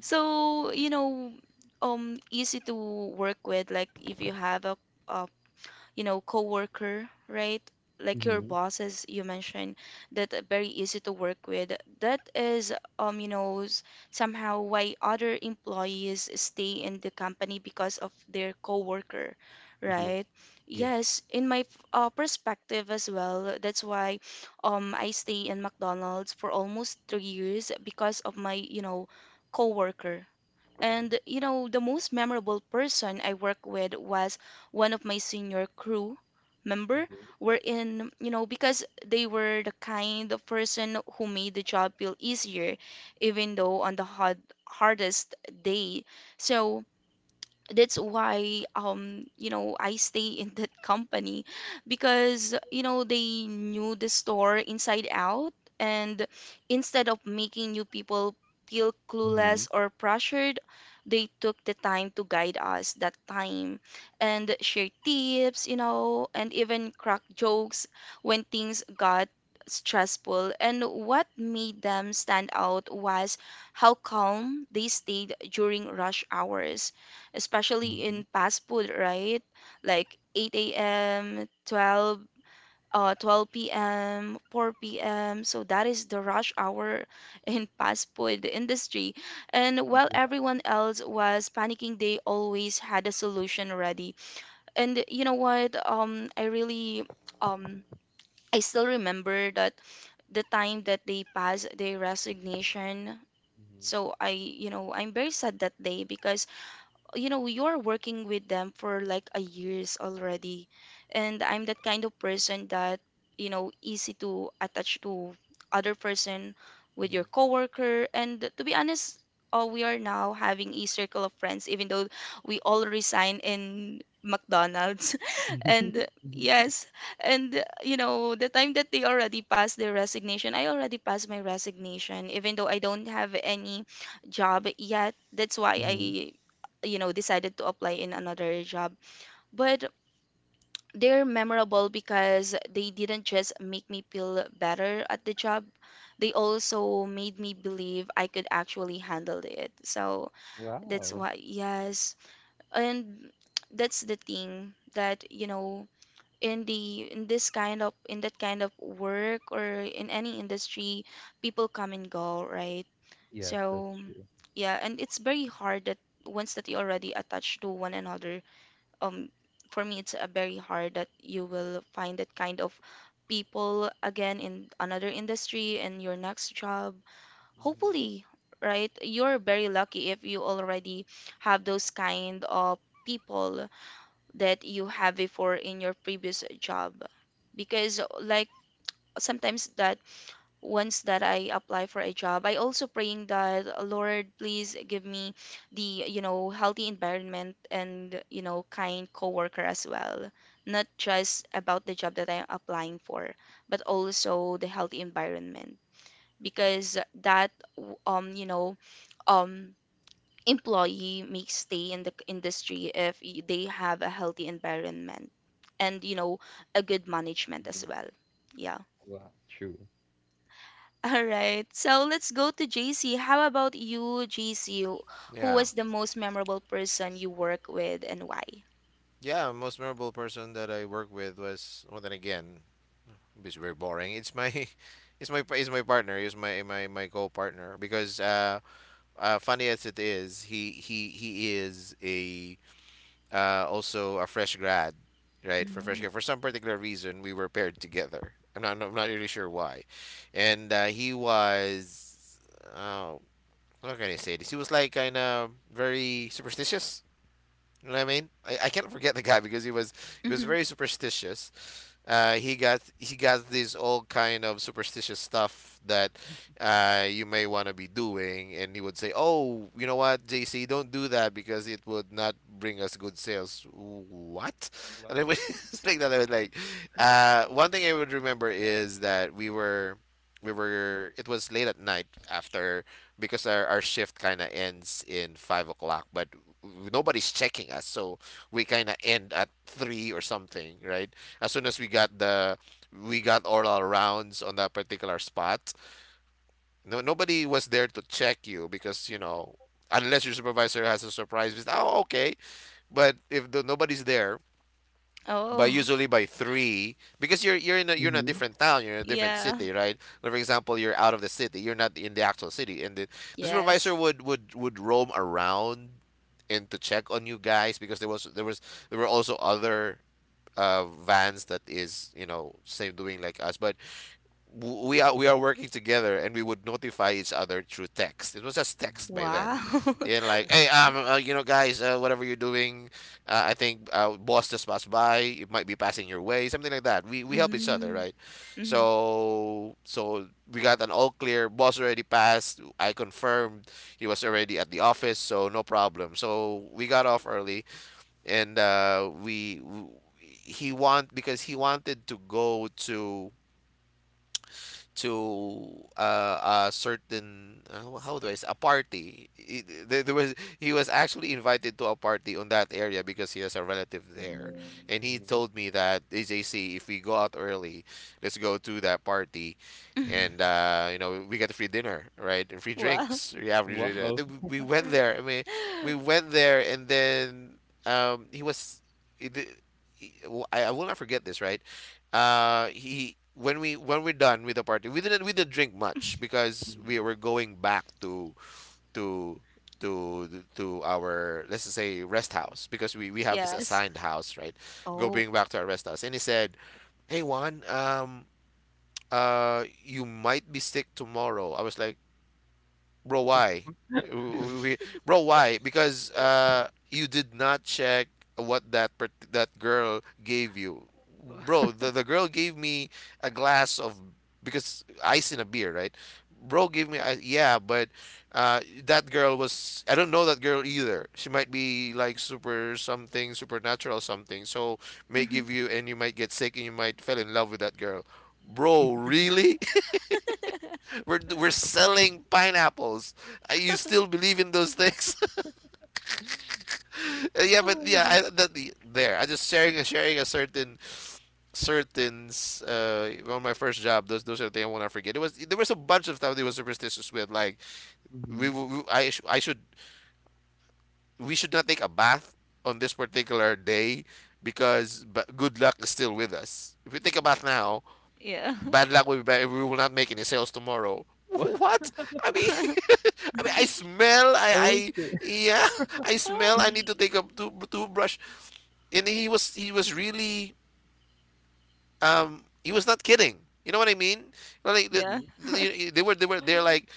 So, you know, um, easy to work with, like if you have a, a you know, coworker, right? Like your
Mm-hmm.
bosses, you mentioned that are very easy to work with. That is, um, you know, s- somehow why other employees stay in the company because of their coworker,
Yeah,
right?
yeah.
Yes, in my f- uh, perspective as well, that's why um I stay in McDonald's for almost three years because of my, you know, coworker. And you know, the most memorable person I worked with was one of my senior crew member. We in, you know, Because they were the kind of person who made the job feel easier, even though on the hard, hardest day. So that's why um you know I stay in that company, because you know they knew the store inside out, and instead of making new people feel
Mm-hmm.
clueless or pressured, they took the time to guide us that time and share tips, you know and even crack jokes when things got stressful. And what made them stand out was how calm they stayed during rush hours, especially
Mm-hmm.
in fast food, right? Like eight a m, twelve, uh, twelve p m, four p m. So that is the rush hour in fast food industry. And while everyone else was panicking, they always had a solution ready. And you know what? Um, I really um I still remember that the time that they passed their resignation. So I, you know, I'm very sad that day, because you know you're working with them for like a years already, and I'm that kind of person that, you know easy to attach to other person with your coworker. And to be honest, uh, we are now having a circle of friends even though we all resign in McDonald's. And
Mm-hmm.
yes, and you know the time that they already passed their resignation, I already passed my resignation even though I don't have any job yet. That's why
Mm-hmm.
I you know, decided to apply in another job. But they're memorable because they didn't just make me feel better at the job, they also made me believe I could actually handle it. So that's
Wow.
why, yes. And that's the thing that, you know, in the in this kind of in that kind of work or in any industry, people come and go, right?
Yes, that's
So,
true.
yeah, and it's very hard that once that you already attached to one another, um for me it's uh, very hard that you will find that kind of people again in another industry in your next job,
Mm-hmm.
hopefully, right? You're very lucky if you already have those kind of people that you have before in your previous job. Because like sometimes that once that I apply for a job, I also praying that, "Uh, Lord, please give me the, you know, healthy environment and, you know, kind coworker as well. Not just about the job that I'm applying for, but also the healthy environment. Because that, um, you know, um, employee may stay in the c- industry if y- they have a healthy environment and, you know, a good management as well. Yeah.
True.
All right, so let's go to J C. How about you, J C? Who
yeah.
was the most memorable person you work with and why?
Yeah, most memorable person that I worked with was, well then again, it's very boring. It's my it's my it's my partner, is my my my co-partner, because uh, uh funny as it is, he he he is a, uh also a fresh grad, right? For fresh
Mm-hmm.
grad, for some particular reason we were paired together. I'm not I'm not really sure why. And uh, he was, oh, how can I say this? He was like kind of very superstitious, you know what I mean? I, I can't forget the guy because he was he was
Hmm.
very superstitious. Uh, he got he got these all kind of superstitious stuff that, uh, you may want to be doing, and he would say, "Oh, you know what, J C, don't do that because it would not bring us good sales." What? And
Wow.
I would, it's like that. I was like, uh, one thing I would remember is that we were we were it was late at night. After, because our, our shift kind of ends in five o'clock, but nobody's checking us, so we kind of end at three or something, right? As soon as we got the we got all our rounds on that particular spot, no nobody was there to check you, because you know, unless your supervisor has a surprise visit. Oh, okay, but if, the, nobody's there, by,
Oh,
usually by three, because you're you're in a, you're in a
Mm-hmm.
different town, you're in a different
yeah.
city, right? Like, for example, you're out of the city, you're not in the actual city, and the, the supervisor
Yes.
would would would roam around and to check on you guys, because there was there was, there were also other uh vans that is, you know, same doing like us. But w- we are we are working together, and we would notify each other through text. It was just text by then,
Wow.
and, like, hey, um, uh, you know, guys, uh, whatever you're doing, uh, I think uh, boss just passed by. It might be passing your way, something like that. We we help each other,
Mm.
right?
Mm-hmm.
So so we got an all clear. Boss already passed. I confirmed he was already at the office, so no problem. So we got off early, and uh, we. W- He want because he wanted to go to, to uh, a certain, uh, how do I say, a party. He- There, there was He was actually invited to a party on that area because he has a relative there, and he told me that A J C, if we go out early, let's go to that party. And uh, you know we get free dinner, right? And free
Wow.
drinks. We have free drinks.
Wow.
Then We we went there. I mean, we went there, and then um, he was. It, he- well, I, I will not forget this, right? uh he when we when we're done with the party, we didn't we didn't drink much because we were going back to to to to our, let's just say, rest house, because we we have this
Yes.
assigned house, right?
Oh.
Going back to our rest house, and he said, "Hey Juan, um uh you might be sick tomorrow." I was like, "Bro, why?" W- we- "Bro, why? Because uh, you did not check what that part- that girl gave you, bro." The the girl gave me a glass of, because ice in a beer, right? Bro gave me ice, yeah, but uh, that girl was, I don't know that girl either. She might be like super something, supernatural something. So may
Hmm.
give you and you might get sick and you might fell in love with that girl. Bro, really? We're we're selling pineapples. Uh, You still believe in those things? Uh, yeah, but
Oh my
yeah,
God.
I, that, the- there. I just sharing sharing a certain certain s- uh on my first job. Those those are the things I want to forget. It was, there was a bunch of stuff they were superstitious with. Like we,
Mm-hmm.
w- w- I sh- I should, we should not take a bath on this particular day because, but good luck is still with us. If we take a bath now,
Yeah.
bad luck will, we will not make any sales tomorrow. What? I mean, I mean, I smell. I,
Oh.
I, yeah, I smell. I need to take a to- toothbrush. And he was, he was really, um, he was not kidding. You know what I mean? Well, like the,
Yeah.
the, they were, they were, they're like,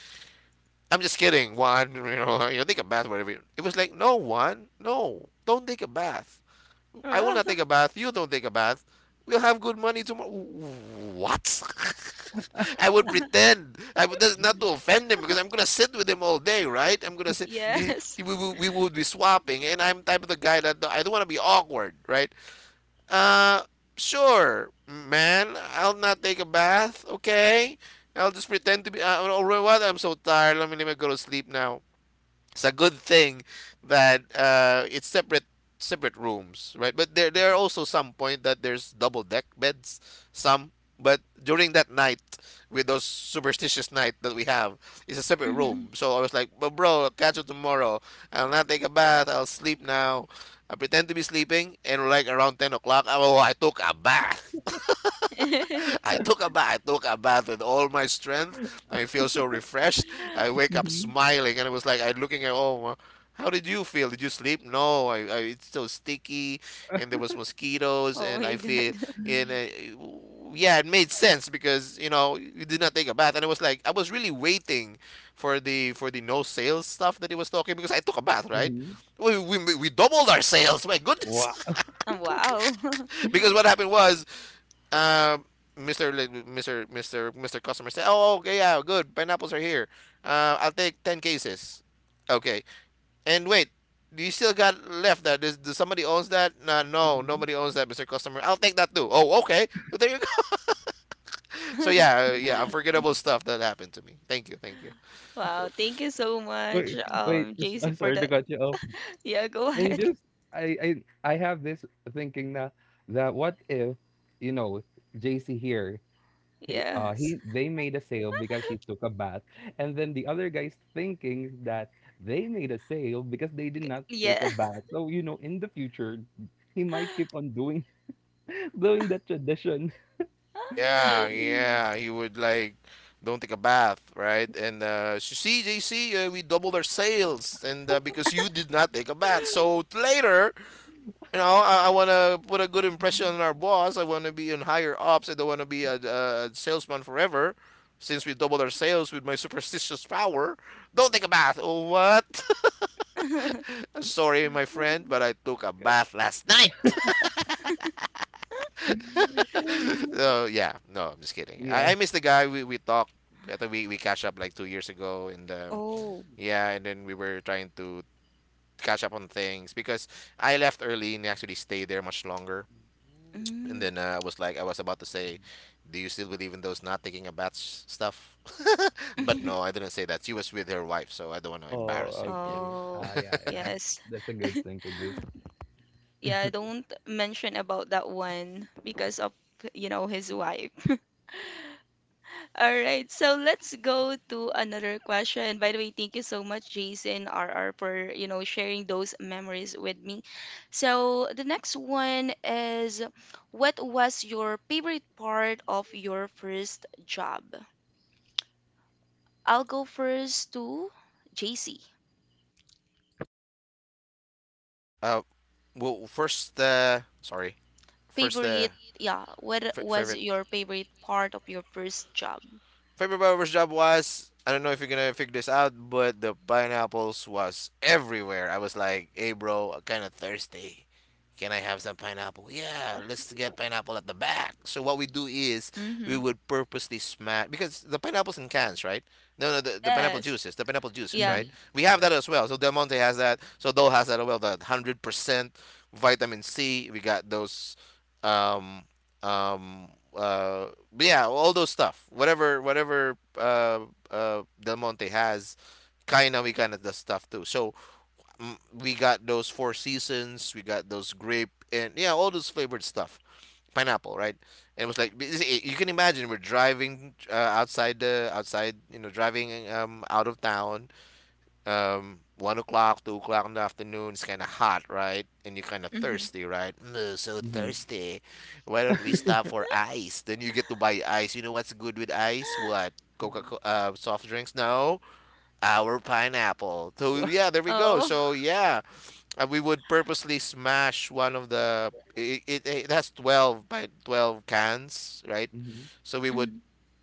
"I'm just kidding, Juan, you know, you know, take a bath, whatever." It was like, "No, Juan, no, don't take a bath. I will
Ah,
not take a bath. You don't take a bath. We'll have good money tomorrow." What? I would pretend. I would, that's not to offend him, because I'm gonna sit with him all day, right? I'm gonna sit. He,
yes.
he- we, we, would be swapping, and I'm type of the guy that I don't want to be awkward, right? Uh, sure, man. I'll not take a bath. Okay, I'll just pretend to be. Uh, or what? I'm so tired. Let me let me go to sleep now. It's a good thing that uh, it's separate, separate rooms, right? But there there are also some point that there's double deck beds, some. But during that night, with those superstitious night that we have, it's a separate
Mhm.
room. So I was like, "But bro, I'll catch you tomorrow. I'll not take a bath. I'll sleep now." I pretend to be sleeping, and like around ten o'clock, oh, I took a bath. I took a bath. I took a bath with all my strength. I feel so refreshed. I wake up
Mm-hmm.
smiling, and it was like I looking at, "Oh, uh, how did you feel? Did you sleep?" "No, I, I it's so sticky, and there was mosquitoes,
Oh
and
my
I feel."
God.
And uh, yeah, it made sense because you know you did not take a bath, and it was like I was really waiting for the, for the no sales stuff that he was talking, because I took a bath, right? We we we doubled our sales. My goodness.
Wow.
Um, Wow.
Because what happened was, um, Mister, like, Mister Mister Mister Customer said, "Oh, okay, yeah, good. Pineapples are here. Uh, I'll take ten cases." Okay. And wait, do you still got left that? Does, does somebody owns that? "No, no, nobody owns that, Mister Customer. I'll take that too." Oh, okay. So there you go. So yeah, uh, yeah, unforgettable stuff that happened to me. Thank you, thank you.
Wow. Thank you so much,
Wait, wait,
um,
s-
J C,
I'm
for
sorry to
that.
cut you off.
Yeah, go
And
ahead.
just, I I I have this thinking that that what if, you know, J C here, he, uh
Yes.
he they made a sale because he took a bath, and then the other guy's thinking that they made a sale because they did
Because,
not take
yeah.
a bath. So, you know, in the future he might keep on doing doing that tradition.
Yeah, yeah. He would like, "Don't take a bath, right? And uh, so see, J C, uh, we doubled our sales, and uh, because you did not take a bath." So later, you know, I, I want to put a good impression on our boss. I want to be in higher ups. I don't want to be a, a salesman forever. Since we doubled our sales with my superstitious power, don't take a bath. Oh, what? I'm sorry, my friend, but I took a bath last night. So, yeah, no, I'm just kidding.
Yeah.
I, I miss the guy, we, we talked. I think we, we catch up like two years ago, and um,
Oh.
yeah, and then we were trying to catch up on things because I left early and he actually stayed there much longer. And
Mm.
then uh, I was like, I was about to say, "Do you still believe in those not taking a bath s- stuff?" But no, I didn't say that. She was with her wife, so I don't want to embarrass
Oh,
him. Yeah.
okay. Ah,
Oh.
yeah, yeah.
Yes.
That's a good thing to do.
Yeah, don't mention about that one because of, you know, his wife. All right, so let's go to another question. By the way, thank you so much, Jason R R, for you know sharing those memories with me. So the next one is, what was your favorite part of your first job? I'll go first to J C.
Uh, well, first, uh, sorry. First, uh,
Favorite, yeah. What
f
was
favorite.
your favorite part of your first job?
Paper Power's job was, I don't know if you're gonna figure this out, but the pineapples was everywhere. I was like, "Hey, bro, I'm kind of thirsty. Can I have some pineapple?" "Yeah, let's get pineapple at the back." So what we do is we
Mm-hmm.
would purposely smash, because the pineapples in cans, right? No, no, the, the pineapple
Yes.
juices, the pineapple juices,
Yeah.
right? We have
Yeah.
that as well. So Del Monte has that. So Dole has that as well. The one hundred percent vitamin C. We got those um, um uh but yeah, all those stuff, whatever, whatever uh uh Del Monte has, kind of, we kind of does stuff too. So, mm, we got those four seasons, we got those grape, and yeah, all those flavored stuff, pineapple, right? And it was like this-, it-, you can imagine we're driving uh, outside, the outside you know, driving um out of town, um, one o'clock, two o'clock in the afternoon. It's kind of hot, right? And you're kind of
Mm-hmm.
thirsty, right? Mm, so thirsty. Why don't we stop for ice? Then you get to buy ice. You know what's good with ice? What? Coca, uh, soft drinks? No, our pineapple. So yeah, there we go.
Oh.
So yeah, and we would purposely smash one of the, it, it, it has twelve by twelve cans, right? So we would
Mm-hmm.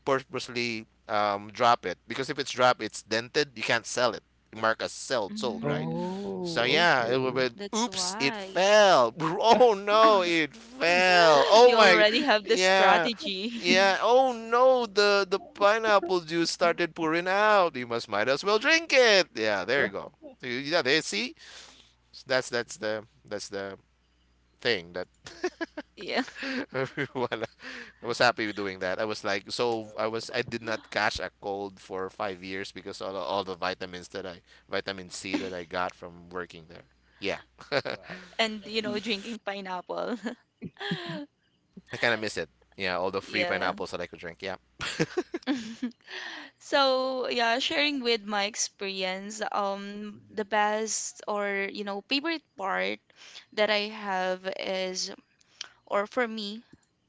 purposely um, drop it, because if it's dropped, it's dented, you can't sell it, mark as sold, sold right?
Mm,
So
Oh,
yeah, it would
okay.
been,
that's
"Oops, it
why.
fell. Oh no, it fell, oh
You
my."
already have the
Yeah,
strategy.
yeah. "Oh no, the the pineapple juice started pouring out, you must, might as well drink it." Yeah, there you go. You- yeah, they see. So that's, that's the that's the thing that
Yeah.
wala. I was happy with doing that. I was like, so I was, I did not catch a cold for five years because all the, all the vitamins that I, vitamin C that I got from working there. Yeah,
Wow.
And,
At
you know,
least.
drinking pineapple.
I kind of miss it. Yeah, all the free
Yeah.
pineapples that I could drink. Yeah.
So, yeah, sharing with my experience, um, the best or, you know, favorite part that I have is, or for me,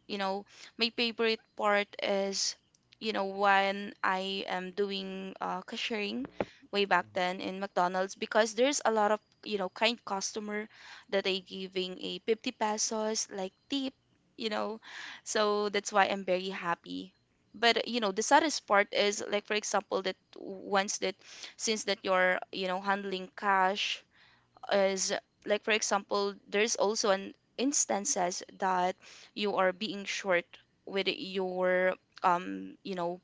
you know, my favorite part is, you know, when I am doing uh, cashiering way back then in McDonald's because there's a lot of, you know, kind customer that they giving a 50 pesos like tip, you know. So that's why I'm very happy. But you know, the saddest part is like for example that once that since that you're, you know, handling cash is like for example there's also an instances that you are being short with your um you know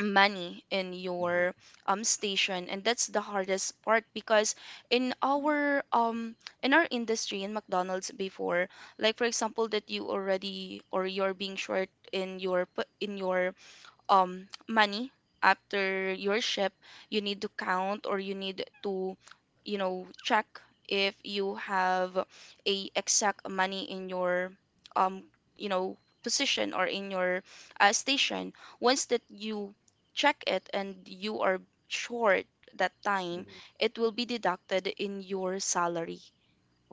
money in your um station, and that's the hardest part because in our um in our industry in McDonald's before, like for example, that you already or you're being short in your p- in your um money after your ship, you need to count or you need to you know check if you have a exact money in your um you know position or in your uh, station. Once that you check it and you are short that time, it will be deducted in your salary.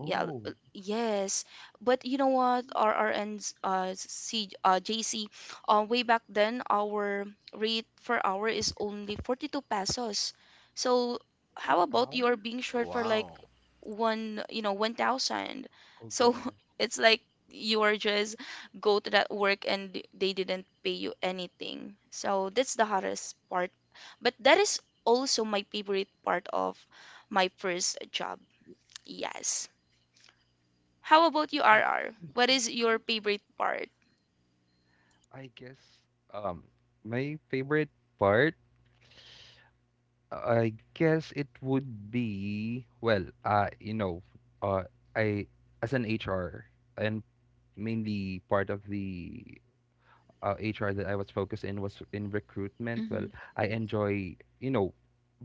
Yeah, l- yes. But you know what, R R Ns, uh, C, uh, J C, uh, way back then, our rate per hour is only forty-two pesos. So how
Per
about you are
hour?
being short for like
Wow.
one, you know, one thousand?
Oh,
So
goodness.
it's like you are just go to that work and they didn't pay you anything. So that's the hardest part. But that is also my favorite part of my first job. Yes. How about you,
Oh,
R R? What is your favorite part?
I guess um my favorite part, I guess it would be, well, uh you know, uh I, as an H R, and mainly part of the uh, H R that I was focused in was in recruitment. Well,
Hmm
I enjoy, you know,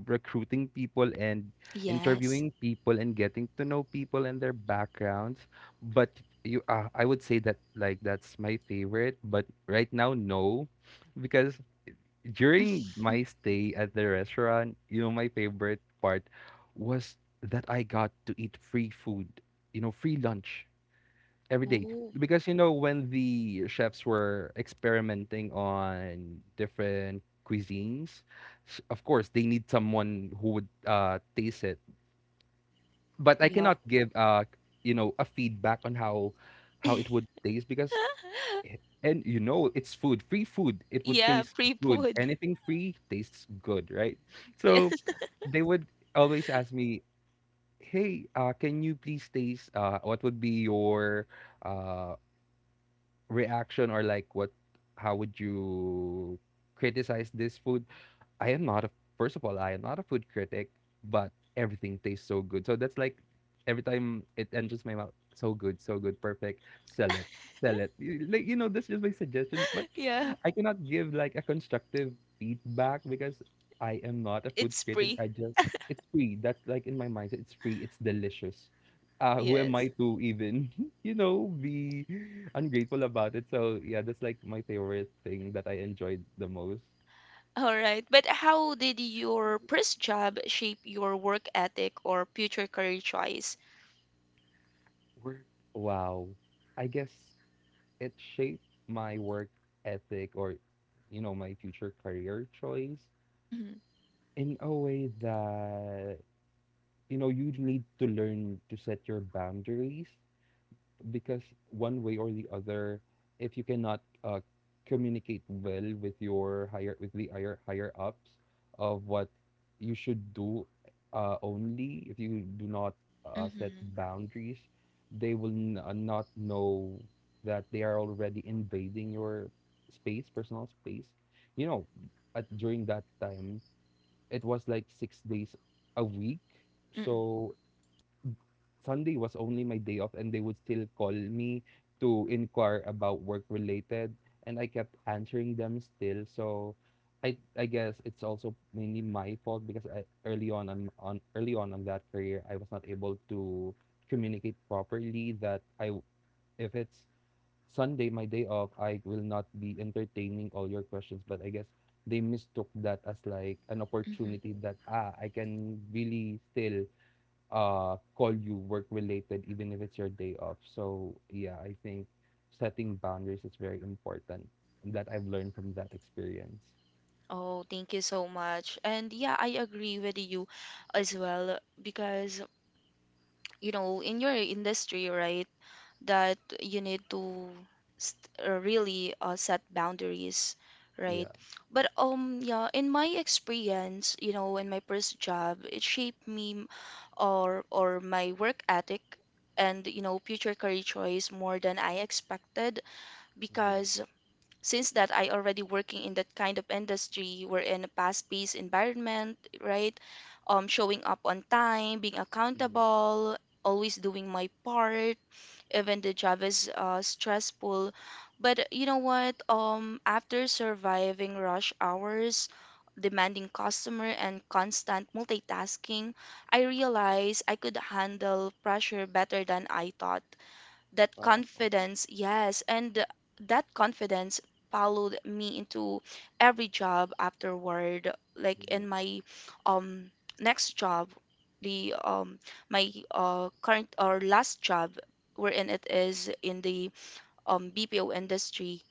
recruiting people and
Yes.
interviewing people and getting to know people and their backgrounds. But you, uh, I would say that, like, that's my favorite. But right now, no, because during my stay at the restaurant, you know, my favorite part was that I got to eat free food, you know, free lunch every day,
Oh,
because you know when the chefs were experimenting on different cuisines, s- of course they need someone who would uh taste it, but I
yeah.
cannot give uh you know a feedback on how how it would taste, because and you know it's food, free food, it would
Yeah,
taste good.
pre-food.
Anything free tastes good, right? So
Yes.
they would always ask me, "Hey, uh can you please taste, uh what would be your uh reaction, or, like, what how would you criticize this food?" I am not a First of all, I am not a food critic, but everything tastes so good. So that's, like, every time it enters my mouth, "So good, so good, perfect. Sell it, sell it." Y- Like, you know, that's just my suggestion, but
Yeah,
I cannot give, like, a constructive feedback because I am not a food
it's
critic.
pre.
I just It's free. That's, like, in my mindset. It's free. It's delicious. Uh, who am I
Yes.
to even, you know, be ungrateful about it? So yeah, that's, like, my favorite thing that I enjoyed the most.
All right. But how did your first job shape your work ethic or future career choice?
Wow. I guess it shaped my work ethic, or, you know, my future career choice,
Mm-hmm.
in a way that, you know, you need to learn to set your boundaries, because one way or the other, if you cannot uh, communicate well with your higher with the higher higher ups of what you should do, uh, only if you do not uh, set
Mm-hmm.
boundaries, they will n- uh, not know that they are already invading your space, personal space. You know, at During that time, it was like six days a week.
Mm-hmm.
So Sunday was only my day off, and they would still call me to inquire about work related, and I kept answering them still. So I I guess it's also mainly my fault because I, early on on on early on on that career, I was not able to communicate properly that I if it's Sunday my day off, I will not be entertaining all your questions. But I guess they mistook that as, like, an
Mm-hmm.
opportunity that, ah I can really still uh call you work related even if it's your day off. So yeah, I think setting boundaries is very important, and that I've learned from that experience.
Oh, thank you so much. And yeah, I agree with you as well because, you know, in your industry, right? That you need to st- uh, really uh, set boundaries, right?
Yeah.
But um yeah, in my experience, you know, in my first job, it shaped me m- or or my work ethic and you know future career choice more than I expected, because since that I already working in that kind of industry, we're in a fast-paced environment, right? Um, showing up on time, being accountable, always doing my part, even the job is uh, stressful. But you know what? Um, after surviving rush hours, demanding customer, and constant multitasking, I realized I could handle pressure better than I thought. That confidence, yes, and that confidence followed me into every job afterward, like in my um next job, the um my uh current or last job, wherein it is in the um B P O industry.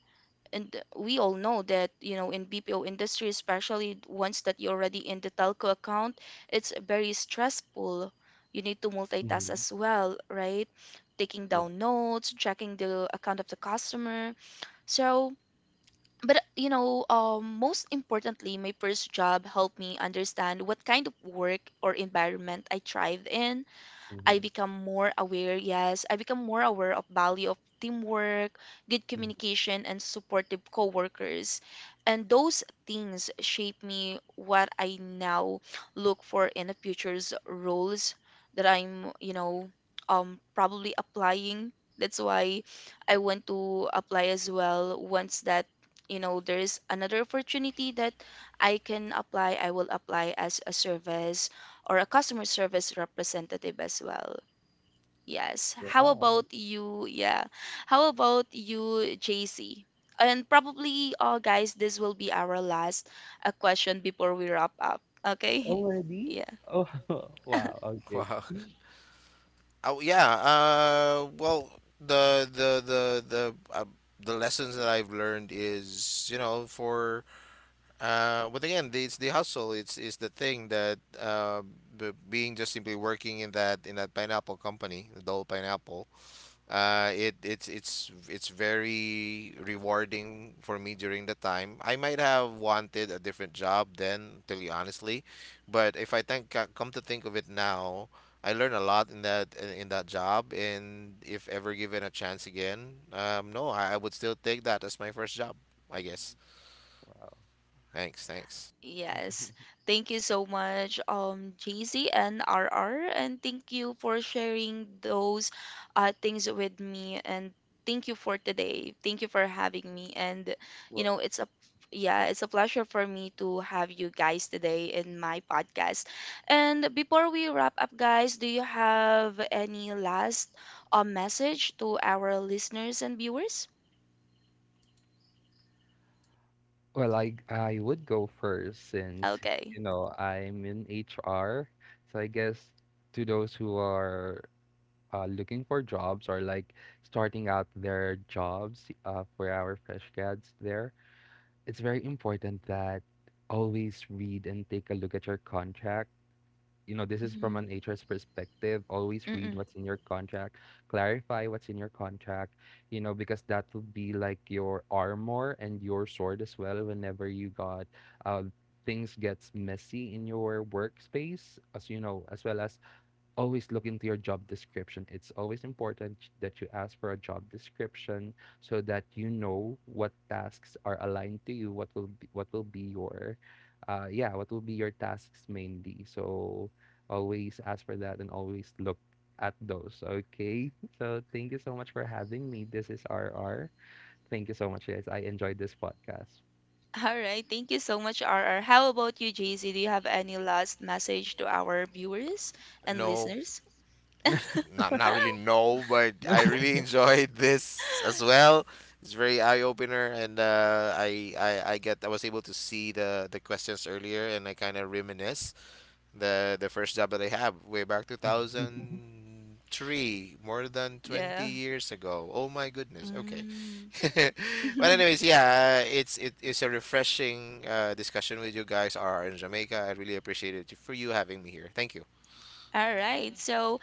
And uh, we all know that you know in B P O industry, especially once that you're already in the telco account, it's very stressful. You need to multitask as well, right? Taking
Yeah.
down notes, checking the account of the customer. So, but you know um, most importantly, my first job helped me understand what kind of work or environment I thrive in. I become more aware, yes, I become more aware of value of teamwork, good
Mhm.
communication and supportive coworkers. And those things shape me what I now look for in the future's roles that I'm, you know, um probably applying. That's why I want to apply as well, once that you know there's another opportunity that I can apply, I will apply as a service or a customer service representative as well. Yes. How
Wow.
about you? Yeah. How about you, J C? And probably, uh, guys, this will be our last uh, question before we wrap up. Okay.
Already?
Yeah.
Oh. Wow. Okay.
Wow. Oh yeah. Uh, well, the the the the uh, the lessons that I've learned is, you know, for Uh, but again, the- it's the hustle. It's is the thing that uh, b being just simply working in that in that pineapple company, the Dole Pineapple. Uh, it it's it's it's very rewarding for me during the time. I might have wanted a different job then, tell you honestly, but if I think, co- come to think of it now, I learned a lot in that in in that job, and if ever given a chance again, um, no, I, I would still take that as my first job, I guess.
Wow.
Thanks, thanks.
Yes. Thank you so much, um, J C and R R, and thank you for sharing those uh, things with me. And thank you for today. Thank you for having me. And you know, it's a yeah, it's a pleasure for me to have you guys today in my podcast. And before we wrap up, guys, do you have any last uh, message to our listeners and viewers?
Well, i i would go first since,
Okay.
you know, I'm in HR. So I guess, to those who are uh, looking for jobs, or, like, starting out their jobs, uh, for our fresh grads there, it's very important that always read and take a look at your contract. You know, this is from
Mm-hmm.
an H R's perspective. Always read what's in your contract, clarify what's in your contract, you know, because that will be, like, your armor and your sword as well whenever you got uh, things gets messy in your workspace, as you know, as well as always look into your job description. It's always important that you ask for a job description so that you know what tasks are aligned to you, what will be, what will be your uh yeah, what will be your tasks mainly. So always ask for that and always look at those. Okay? So thank you so much for having me. This is R R. Thank you so much, guys. I enjoyed this podcast.
All right, thank you so much, R R. How about you, J C? Do you have any last message to our viewers and
No,
listeners?
not not really no, but I really enjoyed this as well. It's very eye opener, and uh, I, I I get I was able to see the the questions earlier, and I kind of reminisce the the first job that I have way back two thousand three, more than twenty
Yeah.
years ago. Oh my goodness. Okay,
Mm.
but anyways, yeah, it's it, it's a refreshing uh, discussion with you guys. Are in Jamaica. I really appreciate it for you having me here. Thank you.
All right. So,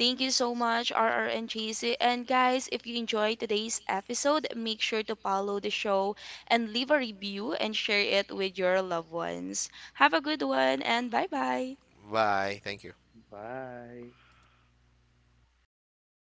thank you so much, R R and J C. And guys, if you enjoyed today's episode, make sure to follow the show and leave a review and share it with your loved ones. Have a good one and bye bye.
Bye. Thank you.